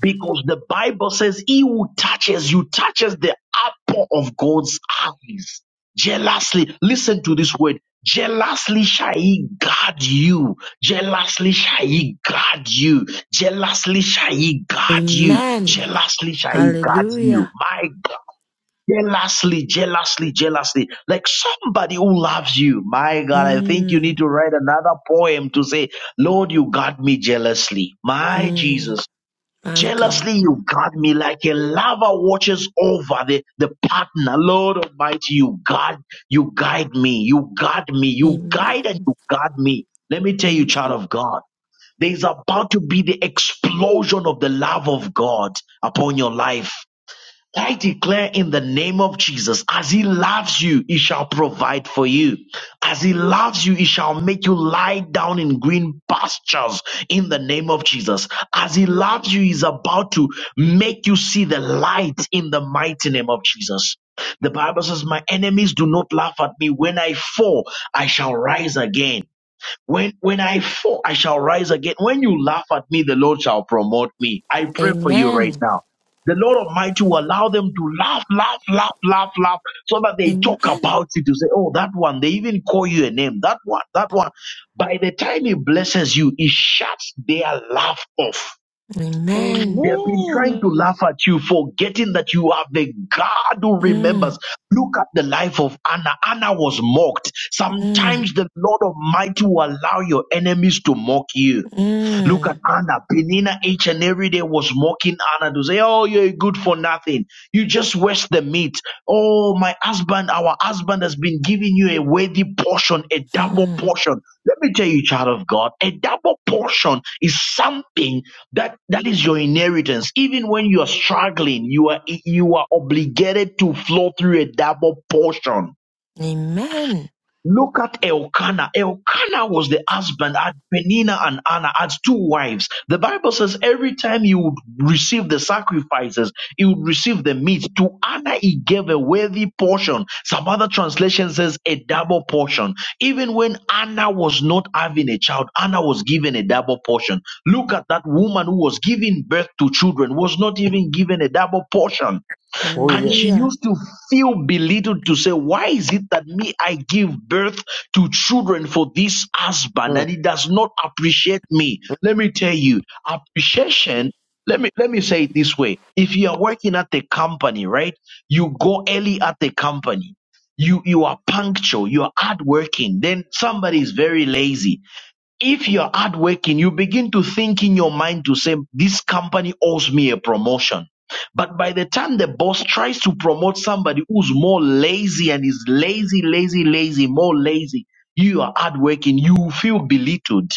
A: because the Bible says he who touches you touches the apple of God's eyes. Jealously, listen to this word. Jealously shall he guard you. Jealously shall he guard you. Jealously shall he guard you.
D: Amen.
A: Jealously shall he guard you.
D: Hallelujah.
A: My God. Jealously, jealously, jealously. Like somebody who loves you. My God, I think you
D: Mm.
A: need to write another poem to say, Lord, you got me jealously. My
D: Mm.
A: Jesus.
D: My God.
A: Jealously, you got me like a lover watches over the, the partner. Lord Almighty, you guard, you guide me, you guard me, you guide and
D: Amen.
A: you guard me. Let me tell you, child
D: Amen.
A: of God, there is about to be the explosion of the love of God upon your life. I declare in the name of Jesus, as He loves you, He shall provide for you. As He loves you, He shall make you lie down in green pastures in the name of Jesus. As He loves you, He's about to make you see the light in the mighty name of Jesus. The Bible says, My enemies do not laugh at me. When I fall, I shall rise again. When when I fall, I shall rise again. When you laugh at me, the Lord shall promote me. I pray for you right
D: Amen.
A: now. The Lord Almighty will allow them to laugh, laugh, laugh, laugh, laugh, so that they talk
D: Amen.
A: about you to say, Oh, that one, they even call you a name, that one, that one. By the time He blesses you, He shuts their laugh off
D: Amen.
A: they have been trying
G: Amen.
A: to laugh at you, forgetting that you have the God who remembers.
D: Mm.
A: Look at the life of Anna. Anna was mocked.
D: Mm.
A: Sometimes the Lord Almighty will allow your enemies to mock you. Look at
D: Mm.
A: Anna. Penina each and every day was mocking Anna to say, Oh, you're good for nothing. You just waste the meat. Oh, my husband, our husband has been giving you a worthy portion, a double
D: Mm.
A: portion. Let me tell you, child of God, a double portion is something that that is your inheritance. Even when you are struggling, you are you are obligated to flow through a double portion.
D: Amen.
A: Look at Elkanah. Elkanah was the husband, had Penina and Anna, had two wives. The Bible says every time he would receive the sacrifices, he would receive the meat. To Anna, he gave a worthy portion. Some other translation says a double portion. Even when Anna was not having a child, Anna was given a double portion. Look at that woman who was giving birth to children, was not even given a double portion.
C: oh
A: And she
C: yes.
D: Hallelujah.
A: used to feel belittled to say, Why is it that me, I give birth to children for this husband
C: Mm.
A: and he does not appreciate me? Let me tell you, appreciation. Let me, let me say it this way. If you are working at a company, right? You go early at the company. You, you are punctual. You are hardworking. Then somebody is very lazy if you're hardworking, you begin to think in your mind to say, this company owes me a promotion. But by the time the boss tries to promote somebody who's more lazy and is lazy, lazy, lazy, more lazy, you are hardworking, you will feel belittled.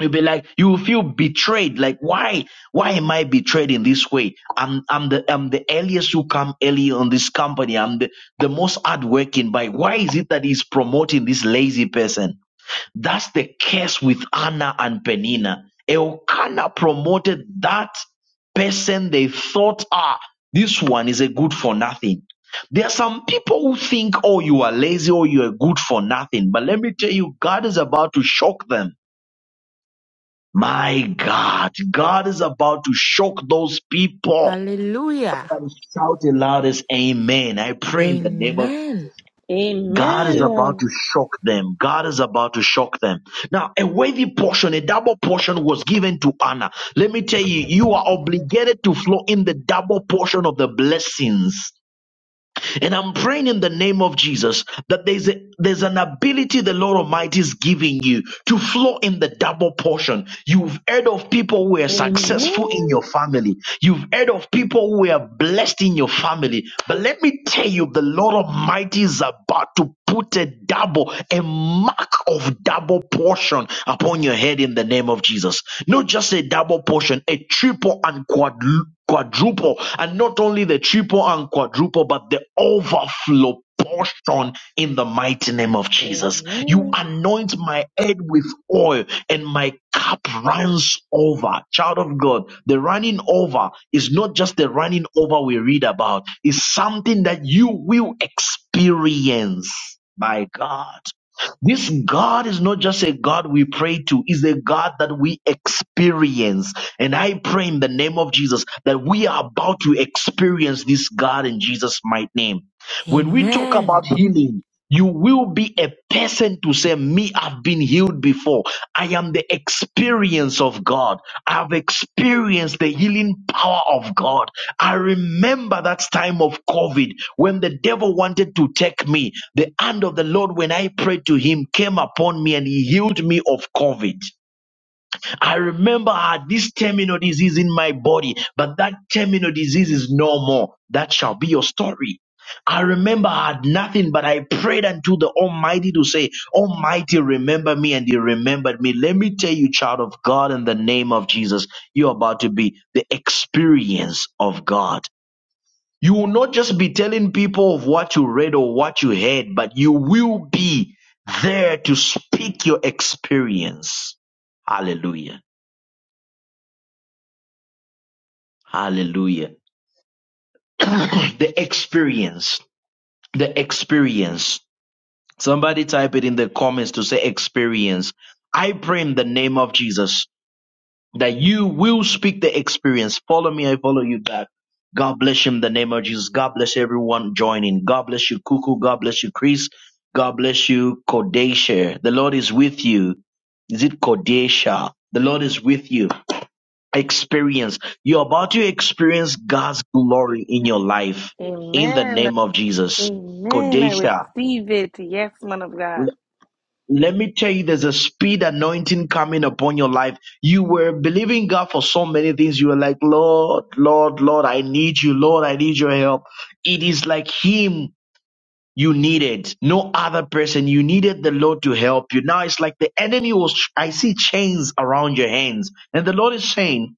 A: You'll be like, you will feel betrayed. Like, why, why am I betrayed in this way? I'm, I'm the, I'm the earliest who come early on this company. I'm the, the most hardworking. By why is it that he's promoting this lazy person? That's the case with Anna and Penina. Elkanah promoted that person they thought, ah, this one is a good for nothing. There are some people who think, oh, you are lazy or you are good for nothing. But let me tell you, God is about to shock them. My God, God is about to shock those people.
D: Hallelujah.
A: Somebody shout the loudest amen. I pray in the name of
D: Amen.
G: Amen.
A: God is
C: Yes,
A: about
G: Amen.
A: to shock them. God is about to shock them. Now, a worthy portion, a double portion was given to Anna. Let me tell
H: Me
A: you,
H: too.
A: you are obligated to flow in the double portion of the blessings. And I'm praying in the name of Jesus that there's a, there's an ability the Lord Almighty is giving you to flow in the double portion. You've heard of people who are successful in your family. You've heard of people who are blessed in your family. But let me tell you, the Lord Almighty is about to put a double, a mark of double portion upon your head in the name of Jesus. Not just a double portion, a triple and quadru- quadruple. And not only the triple and quadruple, but the overflow portion in the mighty name of Jesus. You
G: Amen.
A: anoint my head with oil and my cup runs over. Child of God, the running over is not just the running over we read about. It's something that you will experience. My God. This God is not just a God we pray to, is a God that we experience. And I pray in the name of Jesus that we are about to experience this God in Jesus' mighty name. When we talk about
D: Amen.
A: healing, you will be a person to say, Me, I've been healed before. I am the experience of God. I've experienced the healing power of God. I remember that time of COVID when the devil wanted to take me. The hand of the Lord, when I prayed to him, came upon me and he healed me of COVID. I remember I had this terminal disease in my body, but that terminal disease is no more. That shall be your story. I remember I had nothing, but I prayed unto the Almighty to say, Almighty, remember me, and He remembered me. Let me tell you, child of God, in the name of Jesus, you're about to be the experience of God. You will not just be telling people of what you read or what you heard, but you will be there to speak your experience. Hallelujah. Hallelujah. the experience. The experience. Somebody type it in the comments to say experience. I pray in the name of Jesus that you will speak the experience. Follow me, I follow you back. God bless you in the name of Jesus. God bless everyone joining. God bless you, Cuckoo. God bless you, Chris. God bless you, Kodesha. The Lord is with you. Is it Kodesha? The Lord is with you. Experience. You're about to experience God's glory in your life in the
G: Amen.
A: name of Jesus.
G: Amen. I
A: Kodesha.
G: receive it. Yes, man of God.
A: Let me tell you, there's a speed anointing coming upon your life. You were believing God for so many things. You were like, Lord, Lord, Lord, I need you. Lord, I need your help. It is like Him you needed, no other person. You needed the Lord to help you. Now it's like the enemy was, I see chains around your hands. And the Lord is saying,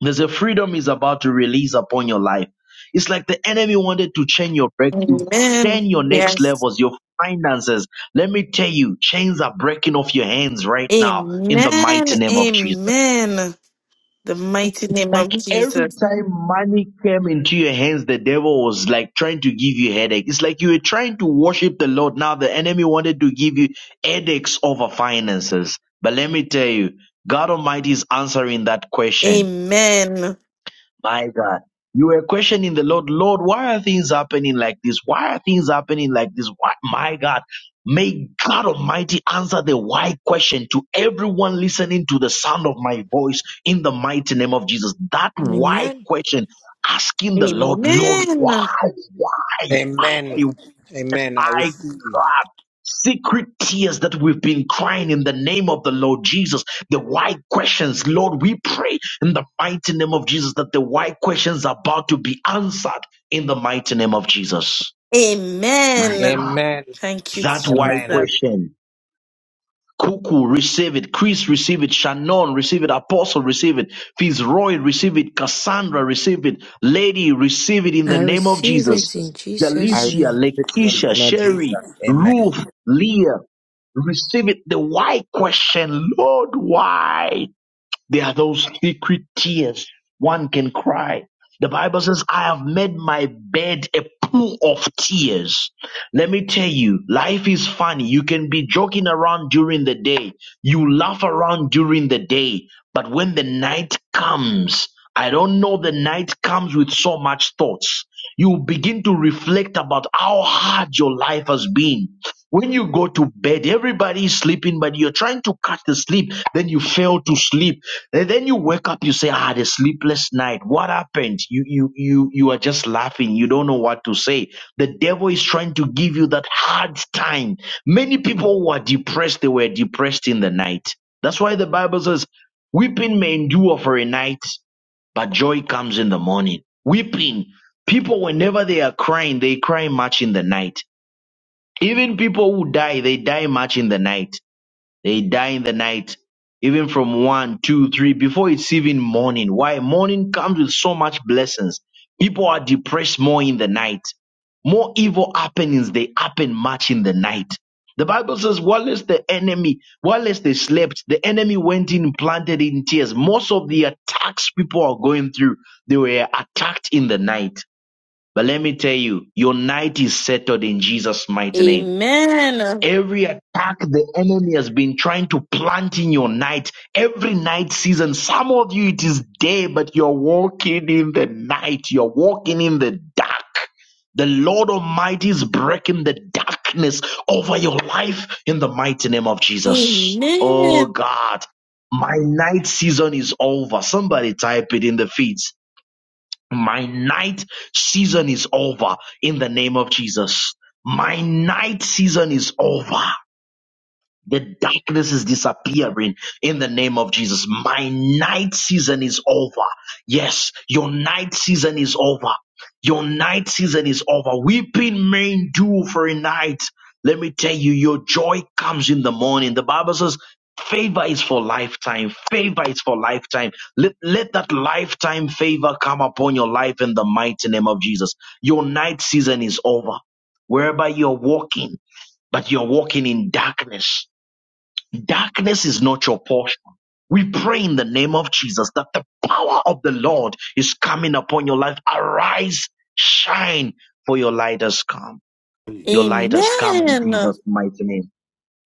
A: there's a freedom is about to release upon your life. It's like the enemy wanted to chain your breakthrough,
G: Amen.
A: chain your next
G: Yes.
A: levels, your finances. Let me tell you, chains are breaking off your hands right now in the
G: Amen.
A: mighty name of Jesus.
G: Amen. The mighty name of
A: Like every
G: Jesus.
A: time money came into your hands, the devil was like trying to give you headache. It's like you were trying to worship the Lord. Now the enemy wanted to give you headaches over finances. But let me tell you, God Almighty is answering that question
G: Amen.
A: My God. You were questioning the Lord, Lord, why are things happening like this? Why are things happening like this? Why? My God. May God Almighty answer the why question to everyone listening to the sound of my voice in the mighty name of Jesus. That why
D: Amen.
A: question, asking the Lord, Lord,
G: Amen.
A: why, why,
E: Amen.
A: why,
E: Amen. I
A: I
E: receive.
A: God. Secret tears that we've been crying in the name of the Lord Jesus. The why questions, Lord, we pray in the mighty name of Jesus that the why questions are about to be answered in the mighty name of Jesus. My
G: Amen.
A: God.
E: Amen.
G: Thank you,
A: That why
E: Amen.
G: Jesus.
A: question. Cuckoo, receive it. Chris, receive it. Shannon, receive it. Apostle, receive it. Fitzroy, receive it. Cassandra, receive it. Lady, receive it in
D: I
A: the name of
D: receive
A: Jesus.
D: it in
E: I
D: Jesus'
A: Jalicia,
D: name.
E: receive it in the
A: Lakeisha,
E: name of
A: Sherry,
E: Jesus. Amen.
A: Ruth, Leah, receive it. The why question, Lord, why? There are those secret tears one can cry. The Bible says, I have made my bed a pool of tears. Let me tell you, life is funny. You can be joking around during the day. You laugh around during the day. But when the night comes, I don't know, the night comes with so much thoughts. You begin to reflect about how hard your life has been. When you go to bed, everybody is sleeping, but you're trying to cut the sleep. Then you fail to sleep. And then you wake up, you say, "Ah, the sleepless night. What happened?" You you you you are just laughing. You don't know what to say. The devil is trying to give you that hard time. Many people who are depressed, they were depressed in the night. That's why the Bible says, "Weeping may endure for a night, but joy comes in the morning." Weeping, people, whenever they are crying, they cry much in the night even people who die, they die much in the night. They die in the night, even from one, two, three, before it's even morning. Why? Morning comes with so much blessings. People are depressed more in the night. More evil happenings, they happen much in the night. The Bible says, whilst the enemy, whilst they slept, the enemy went in, planted in tears. Most of the attacks people are going through, they were attacked in the night. But let me tell you, your night is settled in Jesus' mighty name.
G: Amen.
A: Every attack the enemy has been trying to plant in your night, every night season, some of you it is day, but you're walking in the night, you're walking in the dark. The Lord Almighty is breaking the darkness over your life in the mighty name of Jesus. Oh
G: Amen.
A: God, my night season is over. Somebody type it in the feeds. My night season is over in the name of Jesus. My night season is over. The darkness is disappearing in the name of Jesus. My night season is over. Yes, your night season is over. Your night season is over. Weeping may endure for a night. Let me tell you, your joy comes in the morning. The Bible says, favor is for lifetime. Favor is for lifetime. Let, let that lifetime favor come upon your life in the mighty name of Jesus. Your night season is over. Wherever you're walking, but you're walking in darkness. Darkness is not your portion. We pray in the name of Jesus that the power of the Lord is coming upon your life. Arise, shine, for your light has come. Your light has come in
G: Amen.
A: Jesus' mighty name.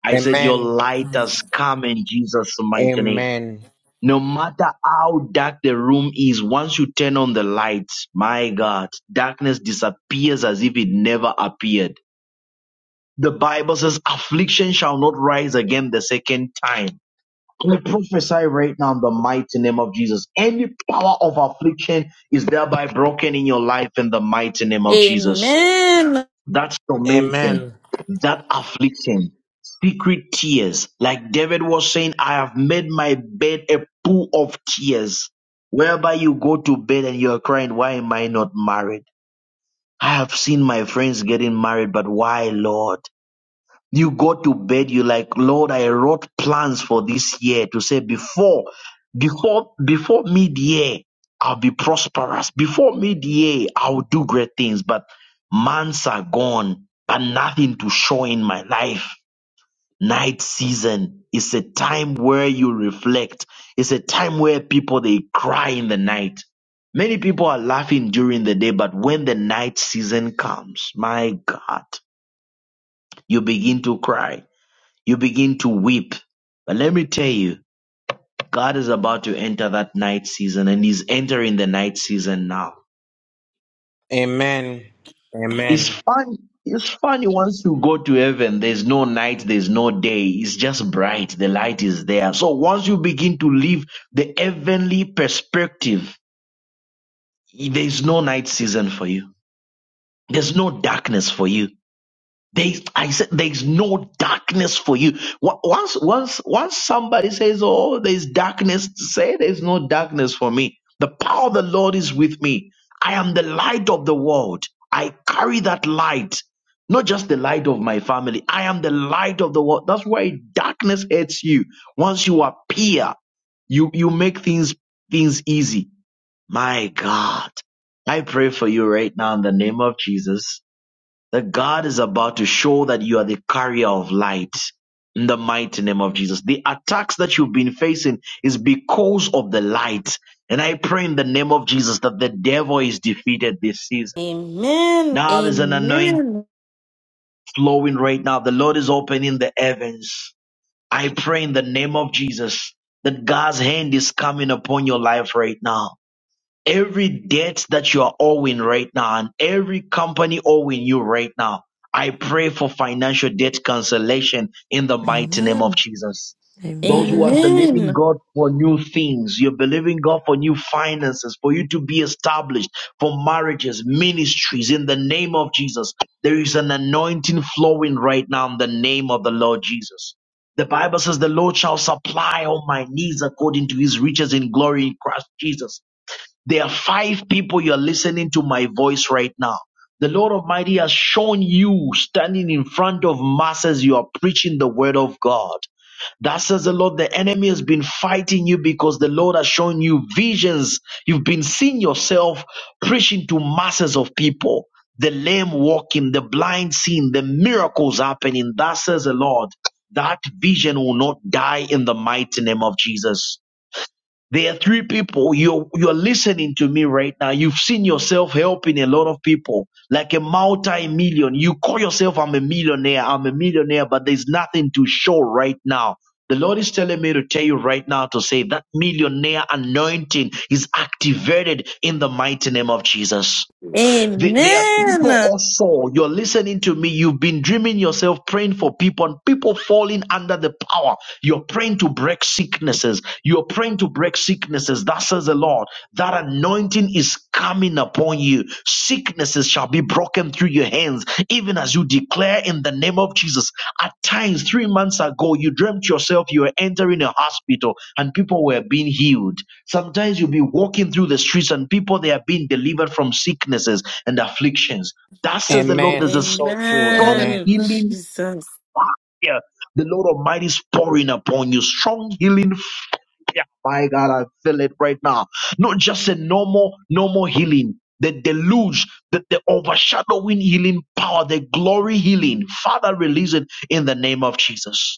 A: I said, Your
E: Amen.
A: light has come in Jesus' mighty name.
E: Amen.
A: No matter how dark the room is, once you turn on the lights, my God, darkness disappears as if it never appeared. The Bible says, Affliction shall not rise again the second time we prophesy right now in the mighty name of Jesus. Any power of affliction is thereby broken in your life in the mighty name of Jesus.
G: Amen.
A: That tormentation,
E: Amen.
A: that affliction, secret tears. Like David was saying, I have made my bed a pool of tears. Whereby you go to bed and you are crying, why am I not married? I have seen my friends getting married, but why, Lord? You go to bed, you're like, Lord, I wrote plans for this year to say before, before, before mid-year, I'll be prosperous. Before mid-year, I'll do great things, but months are gone and nothing to show in my life. Night season is a time where you reflect. It's a time where people, they cry in the night. Many people are laughing during the day, but when the night season comes, my God, you begin to cry you begin to weep. But let me tell you, God is about to enter that night season and He's entering the night season now.
E: Amen.
A: It's
E: Amen.
A: fun. It's funny once you go to heaven, there's no night, there's no day. It's just bright. The light is there. So once you begin to live the heavenly perspective, there's no night season for you. There's no darkness for you. There's, I said, there's no darkness for you. Wa- Once, once, once somebody says, "Oh, there's darkness," say, "There's no darkness for me." The power of the Lord is with me. I am the light of the world. I carry that light, not just the light of my family. I am the light of the world. That's why darkness hates you. Once you appear, you you make things things easy. My God, I pray for you right now in the name of Jesus that God is about to show that you are the carrier of light in the mighty name of Jesus. The attacks that you've been facing is because of the light. And I pray in the name of Jesus that the devil is defeated this season.
G: Amen.
A: Now there's an anointing
G: Amen.
A: flowing right now. The Lord is opening the heavens. I pray in the name of Jesus that God's hand is coming upon your life right now every debt that you are owing right now and every company owing you right now, I pray for financial debt cancellation in the mighty name of
D: Amen.
A: Jesus. Those who are
D: Amen.
A: believing
G: Amen.
A: God for new things, you're believing God for new finances, for you to be established, for marriages, ministries, in the name of Jesus. There is an anointing flowing right now in the name of the Lord Jesus. The Bible says the Lord shall supply all my needs according to his riches in glory in Christ Jesus. There are five people you are listening to my voice right now. The Lord Almighty has shown you standing in front of masses, you are preaching the word of God. That says the Lord, the enemy has been fighting you because the Lord has shown you visions. You've been seeing yourself preaching to masses of people. The lame walking, the blind seeing, the miracles happening. That says the Lord, that vision will not die in the mighty name of Jesus there are three people you're you're listening to me right now. You've seen yourself helping a lot of people, like a multi-million. You call yourself I'm a millionaire, I'm a millionaire, but there's nothing to show right now. The Lord is telling me to tell you right now to say that millionaire anointing is activated in the mighty name of Jesus. The- There are people
G: Amen.
A: also, you're listening to me, you've been dreaming yourself praying for people and people falling under the power. You're praying to break sicknesses. You're praying to break sicknesses. That says the Lord. That anointing is coming upon you. Sicknesses shall be broken through your hands, even as you declare in the name of Jesus. At times, three months ago, you dreamt yourself you were entering a hospital and people were being healed. Sometimes you'll be walking through the streets and people they are being delivered from sicknesses and afflictions. That says the Lord, there's
E: Amen.
A: a
E: So true.
A: strong
E: Amen.
G: Amen.
A: healing
G: Jesus,
A: fire. The Lord Almighty is pouring upon you. Strong healing fire. My God, I feel it right now. Not just a normal, normal healing. The deluge, the, the overshadowing healing power, the glory healing. Father, release it in the name of Jesus.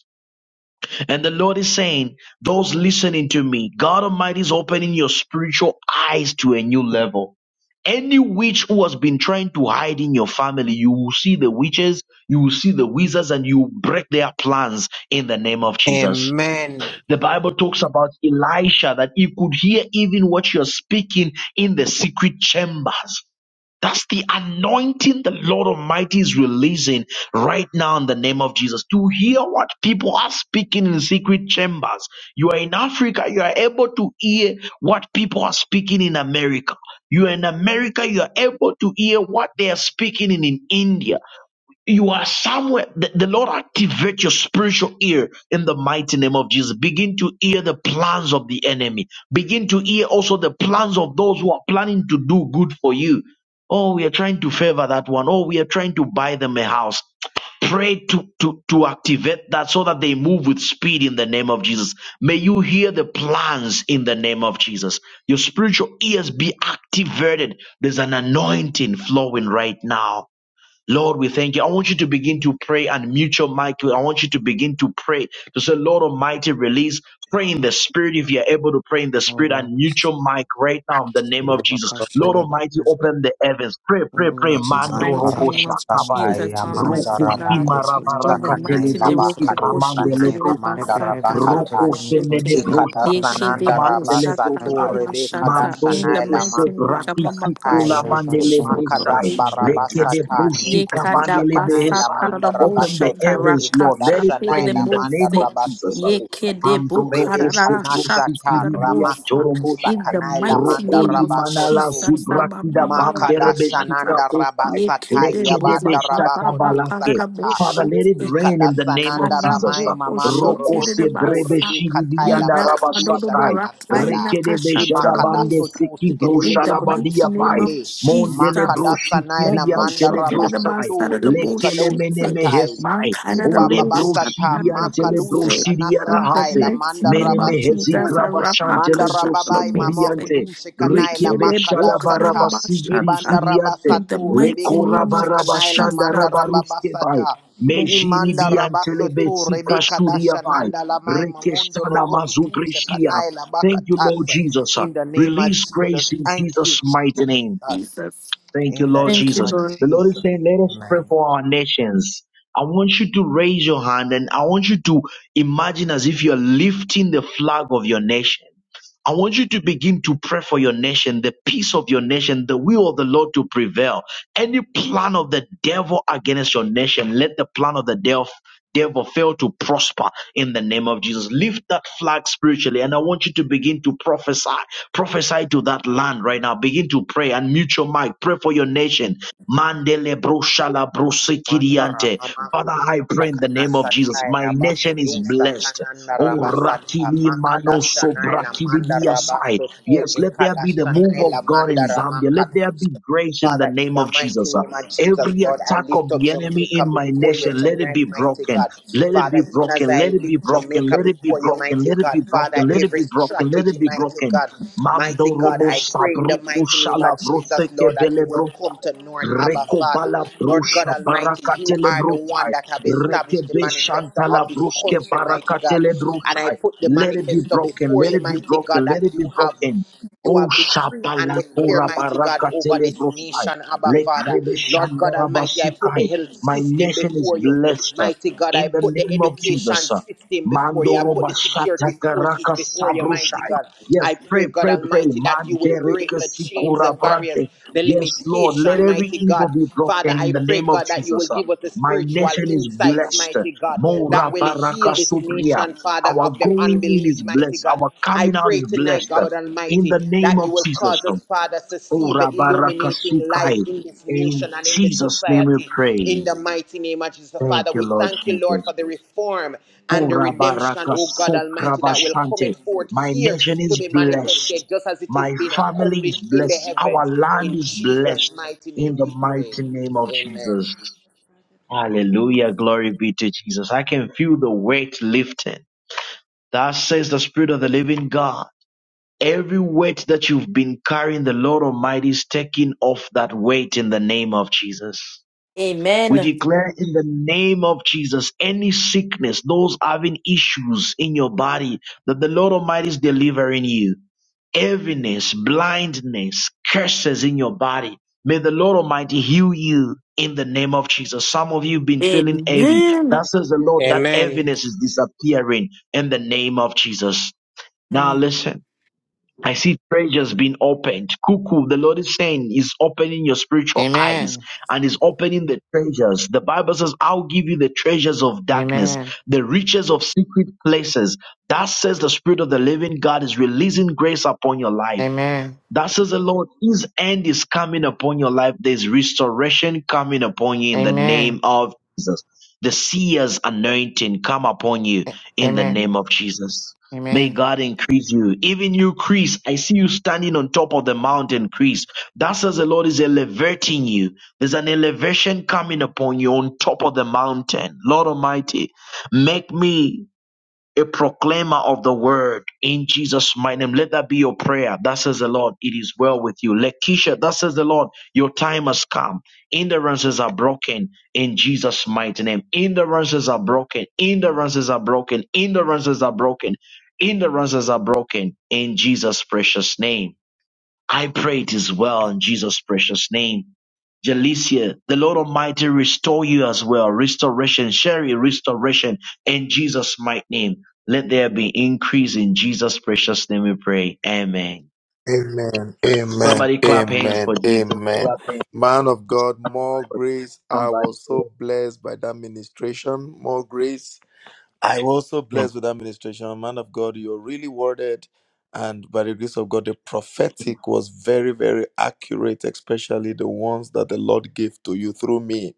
A: And the Lord is saying, those listening to me, God Almighty is opening your spiritual eyes to a new level. Any witch who has been trying to hide in your family, you will see the witches, you will see the wizards, and you will break their plans in the name of Jesus.
E: Amen.
A: The Bible talks about Elisha that he could hear even what you're speaking in the secret chambers. That's the anointing the Lord Almighty is releasing right now in the name of Jesus. To hear what people are speaking in secret chambers. You are in Africa, you are able to hear what people are speaking in America. You are in America, you are able to hear what they are speaking in, in India. You are somewhere. The, the Lord activate your spiritual ear in the mighty name of Jesus. Begin to hear the plans of the enemy. Begin to hear also the plans of those who are planning to do good for you. Oh, we are trying to favor that one. Oh, we are trying to buy them a house pray to, to, to activate that so that they move with speed in the name of Jesus. May you hear the plans in the name of Jesus. Your spiritual ears be activated. There's an anointing flowing right now Lord, we thank you. I want you to begin to pray and mute your mic. I want you to begin to pray to say, Lord Almighty, release. Pray in the spirit if you're able to pray in the spirit
I: Lord,
A: and mute your mic right now in the name of
I: our
A: Jesus.
C: Lord.
A: Lord
I: passion,
A: Almighty, open the heavens. Pray, pray, pray.
I: Lord Jesus,
A: Mando
I: open the
G: mighty
A: robo
G: name of
I: heavens for me,
A: shakabai.
I: Lord
E: Mandarabasatai,
G: Jesus,
I: Jesus,
A: Roku
G: Almighty
I: open the
G: God.
A: shima
I: heavens for me in the
E: Amandarabakutisha,
G: In the
I: mighty name
A: rabarakatele
I: of
G: mighty
E: Kanaila
G: name of
I: Jesus,
A: broshi
I: oh Lord
E: Bakado,
I: Jesus.
G: Kokoshete
A: kamandele
E: Sanai,
A: bro.
I: Let the
G: Rebasa
I: heavens open for me, Lord
E: Mamandarabakatai,
G: Tarabushete.
I: Jesus,
A: Roku
I: Rabba
E: Ikada
I: Bashin,
E: Sananda
G: Yekebe
A: Amantele
I: Rabusha,
G: Bosa
I: Rabba
E: Rabasatu,
A: Brochai,
I: Bashin,
E: Rebeka
G: Tarabashata.
I: Rabusha,
G: In
A: Mandoro
G: the
E: Dashanaila
G: mighty
A: Oso
G: name of
E: Makudusa
A: Bratisi
G: Jamamaka
E: Katai,
A: Kola
I: Rabba
G: Shete
A: Mandele
I: Bashin, Rabba
A: Brochai,
E: Makadamba
I: Bashin,
G: Sotorobushata.
I: Rabba
A: Lekede
E: Rabasata,
I: Bashin.
A: Broshika
E: Nikudusha
G: Yekada
A: Bandele
G: Basa
E: Kanaila
A: Behesai.
E: Manda
A: Open the
G: Tarabushata
E: Rabasoto,
A: heavens, Lord. Let
G: Rakasha
A: it
G: Tede
A: rain
G: de
A: in
E: Ikadashanaila
A: the
E: Manda
A: name
G: Bose.
A: of Jesus.
E: Rabasoto.
G: Yekede
A: Mandoroko
E: Rebe
G: Bukarara
E: kanasha
A: sobrosi kiribian
G: Shatarabusa.
E: ramakudusa
G: In
A: joroboshai.
G: the
E: kanai kanaila
G: mighty
E: manda
G: name
A: Rokoli
G: of
A: manala
E: rabasoto.
G: Jesus,
A: zubrakida
E: Makada
A: bamberebeshika
G: Amabarakashata.
E: Shananda
A: profai.
E: Rabasatai
G: Yekede Boba
E: Yabanda
G: Baba
E: Rabakodo
A: Lekedebeshatabalake. Father,
E: Sakatasha
A: let it
G: Karaboshet
A: rain
E: Ikada
A: in the name of
E: Sananda
G: kana
A: Jesus.
G: mo
E: Ramai Mamando
A: Roko
G: oshetere de
E: Roboso Tu
G: basa.
E: Rebi Kataila
A: sebrebeshiribianda
G: Ina kado do
E: Makudusha
A: rabasatai.
G: borata, ina
E: Kanasada
G: kashata do
E: Imakada
A: Rekedebeshadabande
G: bosa.
E: Sotu
A: siki
G: In the
E: Sekedelebi
G: mighty
E: Kudush
G: name
A: broshadabadiapai.
G: of
E: Ninde
G: Jesus.
A: Mondele
E: Makada
A: broshiki
E: Sanaila
G: Moko
E: Manda
A: biantele
G: shotere de
E: Rabaso
A: brosai.
G: basa
E: Tu
G: de de
A: Lekele
E: Remikados
G: boshete.
E: Katai
A: menemehesai.
G: Mankara de
E: Imba
A: Ole
E: Babasata
G: roshata
A: broshilian
G: de
A: tele
E: Makadushi
G: bose.
A: broshiliara
G: In the
E: Kanasatai
A: hase.
G: mighty
E: Lamanda
A: Mene
G: name of
E: Rabaso
A: mehezi
G: Jesus,
E: Tu
A: grabashan
G: Arapaka
A: tele
E: Mandarababai
A: broshiti
E: mamako
G: Shatarabose,
A: biante.
E: dushe
A: Reke
E: kanaila
G: Yeke de
A: beshada
E: makadasata.
A: barabasidi
G: Bokarabashata.
A: bishiriante.
G: In the
E: Ibandarabasatu
A: Le
G: mighty
E: rebeko
A: kora
G: name
E: dushe
G: of
E: kanaila
G: Jesus,
A: barabashanda rabaruske bai.
E: mandarababasata.
A: Mejini
E: Imanda
G: Mokose,
A: biantele
E: rabasoto
A: besika
E: rebeka
A: shuria
E: dasha
A: bai.
E: nanda lamai
A: Reke
E: mamondo
A: shana
E: roboku tushe
A: mazubrishia.
E: kanaila
A: Thank you, Lord
E: bakatasa.
A: Jesus.
E: In the name of
A: Release
E: Jesus.
A: grace in
E: Thank you,
A: Jesus' mighty name.
E: Jesus.
G: Jesus.
A: Thank you,
E: In the
A: Lord
G: Thank
E: name
G: you,
A: Jesus.
E: of
G: Lord.
A: The Lord is
E: Jesus.
A: saying, let us pray
E: Amen.
A: for our nations. I want you to raise your hand and I want you to imagine as if you're lifting the flag of your nation. I want you to begin to pray for your nation, the peace of your nation, the will of the Lord to prevail. Any plan of the devil against your nation, let the plan of the devil devil fail to prosper in the name of Jesus. Lift that flag spiritually, and I want you to begin to prophesy. Prophesy to that land right now. Begin to pray and mute your mic. Pray for your nation. Mandele broshala
E: Mandara
A: brosekiriante.
E: mama
A: Father, I
E: kututa
A: pray in the
E: kana
A: name of Jesus.
E: satai
A: My
E: la
A: nation
E: bakudu
A: is blessed.
E: satana
A: Oh,
E: naraba sata
A: rakili mano
E: makadasha nai la
A: sobrakili
E: mandara
A: aside.
E: basotu
A: Yes, let there be the
E: ekadasha
A: move
E: nai
A: of
E: la
A: God in
E: mandara
A: Zambia. Let there be grace in the
E: Father, in
A: name
E: the
A: of
E: mighty
A: Jesus.
E: name of Jesus,
A: Every
E: Lord, I
A: attack of
E: lift up
A: the enemy in
E: Jamaica
A: my
E: before you
A: nation, let it
E: tonight,
A: be
E: mighty
A: broken.
E: God.
A: Let it
E: Father,
A: be
E: even as
A: broken.
E: I
A: Let it be
E: lift
A: broken.
E: Jamaica
A: Let it be
E: before you,
A: broken.
E: mighty
A: Let it be
E: God, Father,
A: broken. Let it
E: every
A: be broken. Let it
E: strategy,
A: be
E: mighty
A: broken.
E: God, mighty
A: Mando
E: God,
A: robo
E: I pray in the
A: sabruku
E: mighty name
A: shala
E: of Jesus,
A: broseke
E: Lord, that you will
A: bele
E: come to North Abba, Father.
A: Rekobala
E: Lord God
A: brusha
E: Almighty, you
A: barakatele
E: are the one
A: brusai.
E: that have established the
A: Rekebe
E: manifesto of
A: shantala
E: this
A: bruske
E: country, mighty God.
A: barakatele
E: And I
A: brusai.
E: put the
A: Let it be
E: manifesto
A: broken.
E: before
A: Let
E: you,
A: it be
E: mighty God,
A: broken. Let
E: that
A: it be
E: you have.
A: broken.
E: You
A: Oh
E: have decreed and
A: shabala
E: declared,
A: kora
E: mighty God, over
A: barakatele
E: this
A: brusai.
E: nation, Abba Father.
A: Lekrebe
E: Lord God
A: shandara
E: Almighty, I put the
A: basikai.
E: health
A: My
E: system
A: nation is
E: before you.
A: blessed uh,
E: Mighty God, I
A: in the
E: put the
A: name of
E: education
A: Jesus. uh,
E: system before you. I
A: Mandoro
E: put the
A: bashata
E: security forces
A: karaka
E: before you, mighty
A: sabrushai.
E: God.
A: Yes,
E: I pray,
A: pray,
E: God
A: pray, pray.
E: Almighty, that you will break
A: Mandereke
E: the chains, the
A: sikura brante.
E: barriers, the
A: Yes, Lord, let
E: limitation,
A: every
E: mighty
A: evil
E: God.
A: be
E: Father,
A: broken in
E: I
A: the
E: pray,
A: name of
E: God, that you will
A: Jesus. uh.
E: give us the
A: My
E: spiritual
A: nation is
E: insights,
A: blessed.
E: mighty God, that
A: Mora
E: will
A: baraka
E: heal this nation
A: supria.
E: salvation, Father, of
A: Our
E: the
A: going in
E: unbelief,
A: is
E: mighty
A: blessed.
E: God.
A: Our
E: I
A: coming out
E: pray
A: is
E: tonight,
A: blessed. uh,
E: God
A: In
E: Almighty,
A: the name
E: that
A: of
E: you will
A: Jesus.
E: cause
A: uh.
E: us, Father, to see
A: Ora
E: the
A: baraka
E: illuminating light
A: sukai.
E: in this nation
A: In
E: and in this
A: Jesus' name we
E: society. In
A: pray.
E: the mighty name of Jesus,
A: Thank
E: Father,
A: you,
E: we
A: Lord
E: thank you, Lord,
A: Jesus.
E: for the reform and the redemption,
A: Korabaraka
E: oh God Almighty, that will come
A: Sokrabashante.
E: forth
A: My
E: here
A: nation
E: to
A: is
E: be
A: blessed.
E: manifested just as it is
A: My
E: being
A: family is
E: accomplished in the
A: blessed. Our
E: heavens.
A: land
E: In
A: is blessed
E: Jesus' mighty
A: in
E: name
A: the
E: we pray.
A: mighty name of
E: Amen.
A: Jesus. Hallelujah. Glory be to Jesus. I can feel the weight lifting. That says the Spirit of the living God. Every weight that you've been carrying, the Lord Almighty is taking off that weight in the name of Jesus. We
G: Amen.
A: declare in the name of Jesus any sickness, those having issues in your body, that the Lord Almighty is delivering you. Heaviness, blindness, curses in your body. May the Lord Almighty heal you in the name of Jesus. Some of you have been feeling heavy.
G: Amen.
A: That says the Lord, that
E: Amen.
A: heaviness is disappearing in the name of Jesus. Now
G: Amen.
A: listen. I see treasures being opened. Cuckoo, the Lord is saying, is opening your spiritual eyes
I: Amen.
A: and is opening the treasures. The Bible says, I'll give you the treasures of darkness,
I: Amen.
A: the riches of secret places. That says the Spirit of the living God is releasing grace upon your life.
I: Amen.
A: That says the Lord, His end is coming upon your life. There's restoration coming upon you in the name
I: Amen.
A: of Jesus. The seer's anointing come upon you
I: A-
A: in the
I: Amen.
A: name of Jesus. May
I: Amen.
A: God increase you. Even you, Chris, I see you standing on top of the mountain, Chris. That says the Lord is elevating you. There's an elevation coming upon you on top of the mountain. Lord Almighty, make me a proclaimer of the word in Jesus' mighty name. Let that be your prayer. That says the Lord, it is well with you. Lekisha, that says the Lord, your time has come. Hindrances are broken in Jesus' mighty name. Hindrances are broken. Hindrances are broken. Hindrances are broken. Hindrances are broken in Jesus' precious name. I pray it is well in Jesus' precious name. Jalicia, the Lord Almighty restore you as well. Restoration, Sherry, restoration in Jesus' mighty name. Let there be increase in Jesus' precious name we pray. Amen.
C: Amen. Amen.
A: Somebody clap hands
C: Amen.
A: for Jesus.
C: Amen.
A: Clap hands
C: Man of God, more
A: for
C: grace. I
A: somebody.
C: was so blessed by that ministration. More grace. I was so blessed with that ministration, man of God. You're really worded, and by the grace of God, the prophetic was very, very accurate, especially the ones that the Lord gave to you through me.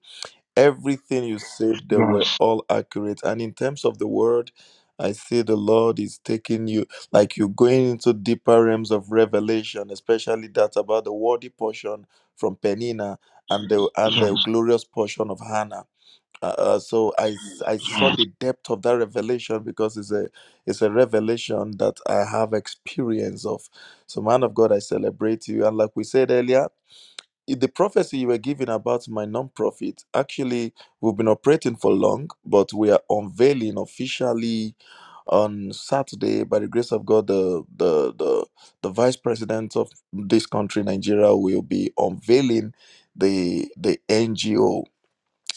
C: Everything you said, they were
A: Yes,
C: all accurate. And in terms of the word, I see the Lord is taking you, like you're going into deeper realms of revelation, especially that about the worthy portion from Penina and the
A: yes,
C: and the
A: yes,
C: glorious portion of Hannah uh, uh, so I s- I saw
A: yes.
C: the depth of that revelation because it's a it's a revelation that I have experience of. So man of God, I celebrate you. And like we said earlier, i- the prophecy you were giving about my nonprofit actually we've been operating for long, but we are unveiling officially on Saturday by the grace of God. The the the the vice president of this country, Nigeria, will be unveiling the the NGO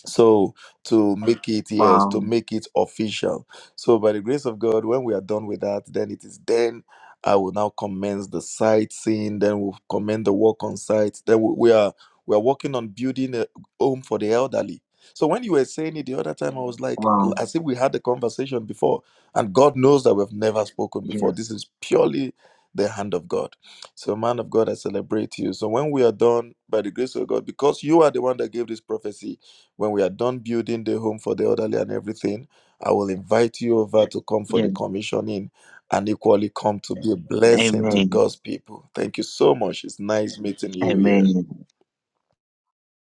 C: so to make it yes to
A: Wow,
C: make it official so by the grace of god when we are done with that then it is then i will now commence the sightseeing then we'll commence the work on site then we, we are we are working on building a home for the elderly so when you were saying it the other time i was like l-
A: wow.
C: as if we had the conversation before and god knows that we've never spoken before
A: Yes,
C: this is purely the hand of god so man of god i celebrate you so when we are done by the grace of god because you are the one that gave this prophecy when we are done building the home for the elderly and everything, I will invite you over to come for the
A: yes.
C: commissioning and equally come to be a blessing to
A: Amen.
C: God's people. Thank you so much. It's nice meeting you here.
A: Amen.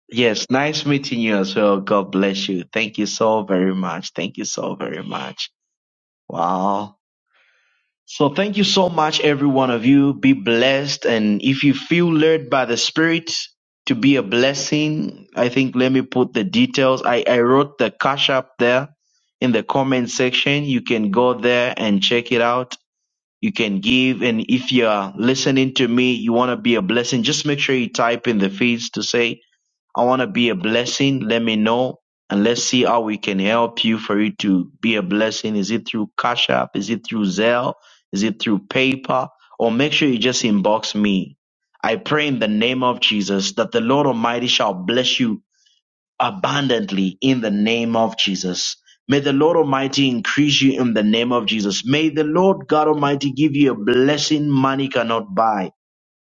A: Yes, nice meeting you as well. God bless you. Thank you so very much. Thank you so very much. Wow. So thank you so much, every one of you. Be blessed. And if you feel led by the Spirit to be a blessing, I think let me put the details. I, I wrote the cash up there in the comment section. You can go there and check it out. You can give. And if you're listening to me, you want to be a blessing, just make sure you type in the feeds to say, I want to be a blessing. Let me know and let's see how we can help you for you to be a blessing. Is it through Cash App? Is it through Zelle? Is it through PayPal? Or make sure you just inbox me. I pray in the name of Jesus that the Lord Almighty shall bless you abundantly in the name of Jesus. May the Lord Almighty increase you in the name of Jesus. May the Lord God Almighty give you a blessing money cannot buy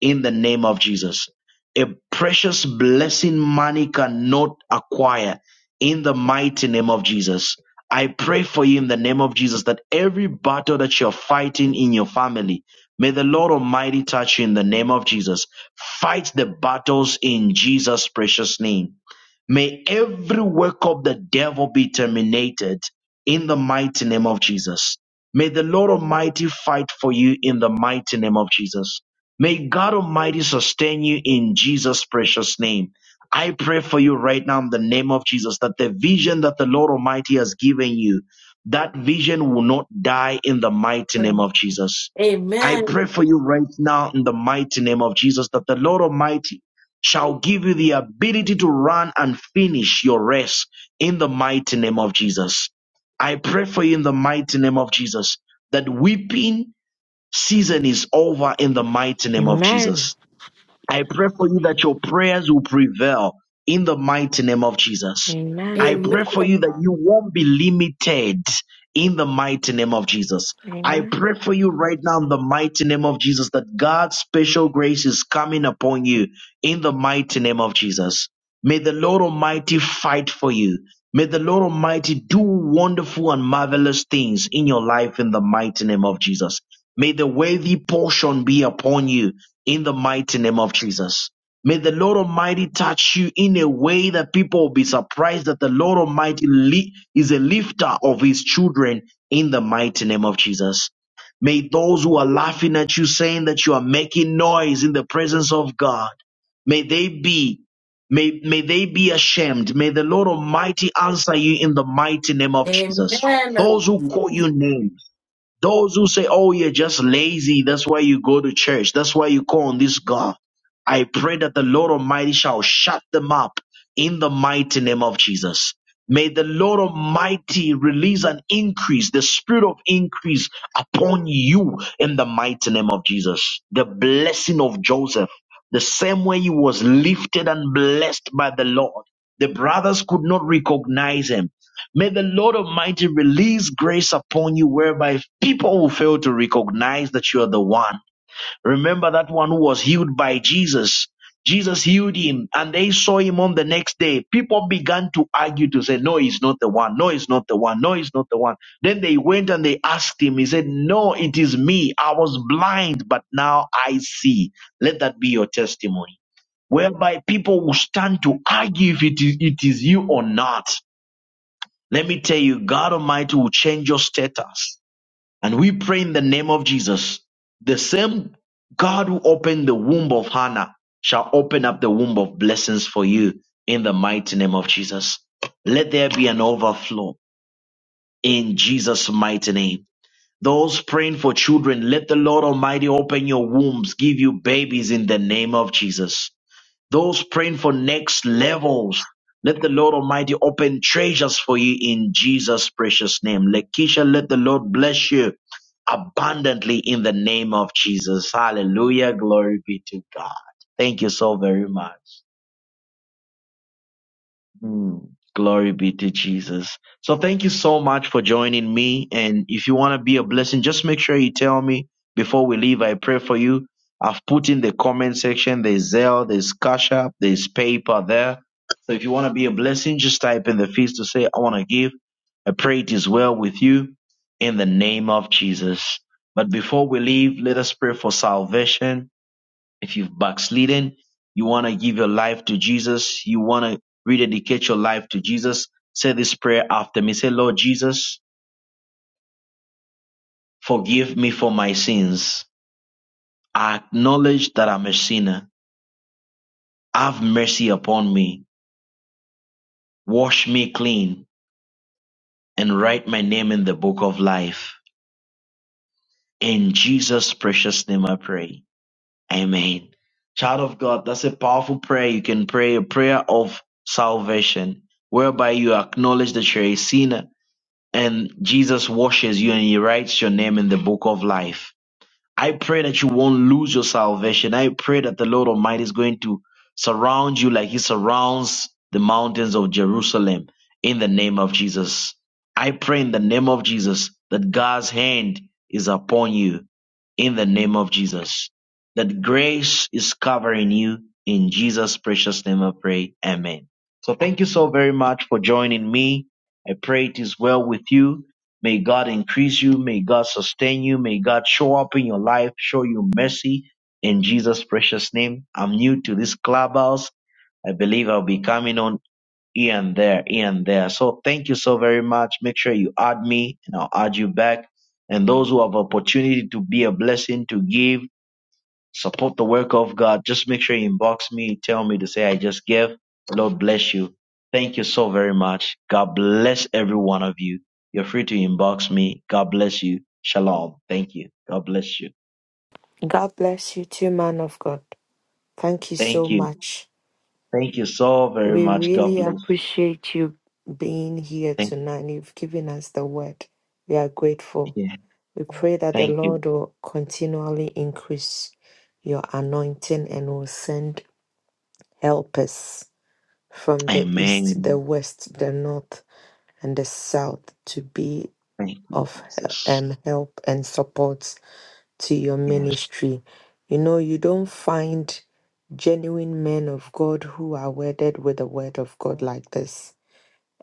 A: in the name of Jesus. A precious blessing money cannot acquire in the mighty name of Jesus. I pray for you in the name of Jesus that every battle that you're fighting in your family, may the Lord Almighty touch you in the name of Jesus. Fight the battles in Jesus' precious name. May every work of the devil be terminated in the mighty name of Jesus. May the Lord Almighty fight for you in the mighty name of Jesus. May God Almighty sustain you in Jesus' precious name. I pray for you right now in the name of Jesus that the vision that the Lord Almighty has given you, that vision will not die in the mighty name
G: Amen.
A: of Jesus. I pray for you right now in the mighty name of Jesus that the Lord Almighty shall give you the ability to run and finish your race in the mighty name of Jesus. I pray for you in the mighty name of Jesus that weeping season is over in the mighty name of
D: Amen.
A: Jesus I pray for you that your prayers will prevail in the mighty name of Jesus.
D: Amen.
A: I pray for you that you won't be limited in the mighty name of Jesus. I
D: Amen.
A: pray for you right now in the mighty name of Jesus that God's special grace is coming upon you in the mighty name of Jesus. May the Lord Almighty fight for you. May the Lord Almighty do wonderful and marvelous things in your life in the mighty name of Jesus. May the worthy portion be upon you in the mighty name of Jesus. May the Lord Almighty touch you in a way that people will be surprised that the Lord Almighty li- is a lifter of his children in the mighty name of Jesus. May those who are laughing at you saying that you are making noise in the presence of God May they be, may, may they be ashamed. May the Lord Almighty answer you in the mighty name of Jesus.
G: Amen.
A: Those who call you names those who say, oh, you're just lazy. That's why you go to church. That's why you call on this God. I pray that the Lord Almighty shall shut them up in the mighty name of Jesus. May the Lord Almighty release an increase, the spirit of increase upon you in the mighty name of Jesus. The blessing of Joseph, the same way he was lifted and blessed by the Lord. The brothers could not recognize him May the Lord Almighty release grace upon you whereby people will fail to recognize that you are the one. Remember that one who was healed by Jesus. Jesus healed him and they saw him on the next day. People began to argue to say, No, he's not the one. No, he's not the one. No, he's not the one. Then they went and they asked him. He said, No, it is me. I was blind, but now I see. Let that be your testimony. Whereby people will stand to argue if it is, it is you or not. Let me tell you, God Almighty will change your status. And we pray in the name of Jesus. The same God who opened the womb of Hannah shall open up the womb of blessings for you in the mighty name of Jesus. Let there be an overflow in Jesus' mighty name. Those praying for children, let the Lord Almighty open your wombs, give you babies in the name of Jesus. Those praying for next levels, let the Lord Almighty open treasures for you in Jesus' precious name. Lakeisha, let the Lord bless you abundantly in the name of Jesus. Hallelujah. Glory be to God. Thank you so very much. Mm, Glory be to Jesus. So thank you so much for joining me. And if you want to be a blessing, just make sure you tell me before we leave. I pray for you. I've put in the comment section. There's Zelle, there's Cash App, there's paper there. So if you want to be a blessing, just type in the feast to say, I want to give. I pray it is well with you in the name of Jesus. But before we leave, let us pray for salvation. If you've backslidden, you want to give your life to Jesus, you want to rededicate your life to Jesus, say this prayer after me. Say, Lord Jesus, forgive me for my sins. I acknowledge that I'm a sinner. Have mercy upon me. Wash me clean and write my name in the book of life. In Jesus' precious name I pray. Amen. Child of God, that's a powerful prayer. You can pray a prayer of salvation whereby you acknowledge that you're a sinner And Jesus washes you and he writes your name in the book of life. I pray that you won't lose your salvation. I pray that the Lord Almighty is going to surround you like He surrounds the mountains of Jerusalem in the name of Jesus. I pray in the name of Jesus that God's hand is upon you in the name of Jesus. That grace is covering you in Jesus' precious name I pray. Amen. So thank you so very much for joining me. I pray it is well with you May God increase you. May God sustain you. May God show up in your life, show you mercy in Jesus' precious name. I'm new to this clubhouse. I believe I'll be coming on here and there, here and there. So thank you so very much. Make sure you add me and I'll add you back. And those who have opportunity to be a blessing to give Support the work of God. Just make sure you inbox me, tell me to say I just gave. Lord bless you. Thank you so very much. God bless every one of you. You're free to inbox me. God bless you. Shalom. Thank you. God bless you.
D: God bless you too, man of God. Thank you so
A: Thank you.
D: much.
A: Thank you so very
D: We
A: much. God
D: really
A: bless you.
D: appreciate you being here
A: Thank
D: tonight. You've given us the word. We are
A: you.
D: grateful.
A: yeah.
D: We pray that the
A: Thank you.
D: Lord will continually increase your anointing and will send helpers from the east, the
A: Amen.
D: west, the north, and the south to be
A: Thank you,
D: of he-
A: Jesus.
D: um, help and support to your
A: Yes.
D: ministry. You know, you don't find genuine men of God who are wedded with the word of God like this.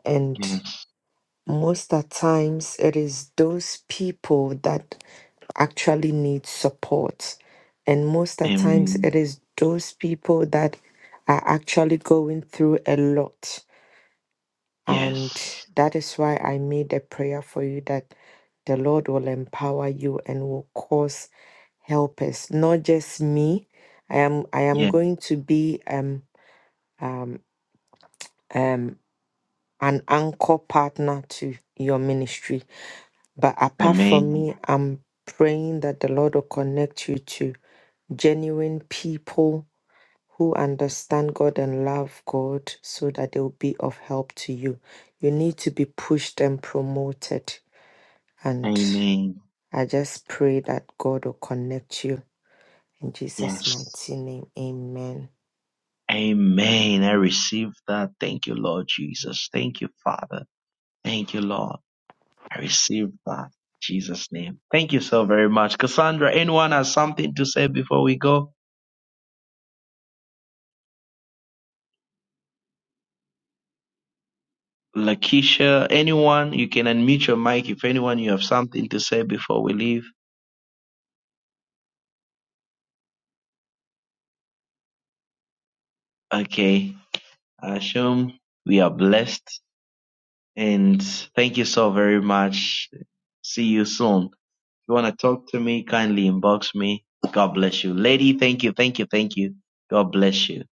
D: And
A: Yes.
D: most of times it is those people that actually need support. And most of times
A: Amen.
D: it is those people that are actually going through a lot and
A: Yes.
D: that is why I made a prayer for you that the Lord will empower you and will cause helpers, not just me. I am I am
A: Yes.
D: going to be um um um an anchor partner to your ministry. But apart from
A: Amen.
D: me, I'm praying that the Lord will connect you to genuine people who understand God and love God so that they will be of help to you. You need to be pushed and promoted And
A: Amen.
D: I just pray that God will connect you in Jesus'
A: Yes.
D: mighty name. Amen.
A: Amen. I receive that. Thank you, Lord Jesus. Thank you, Father. Thank you, Lord. I receive that. In Jesus' name. Thank you so very much. Cassandra, anyone has something to say before we go? Lakeisha, anyone? You can unmute your mic if anyone you have something to say before we leave. Okay. Ashum, we are blessed. And thank you so very much. See you soon. you want to talk to me, kindly inbox me. God bless you. Lady, thank you, thank you, thank you. God bless you.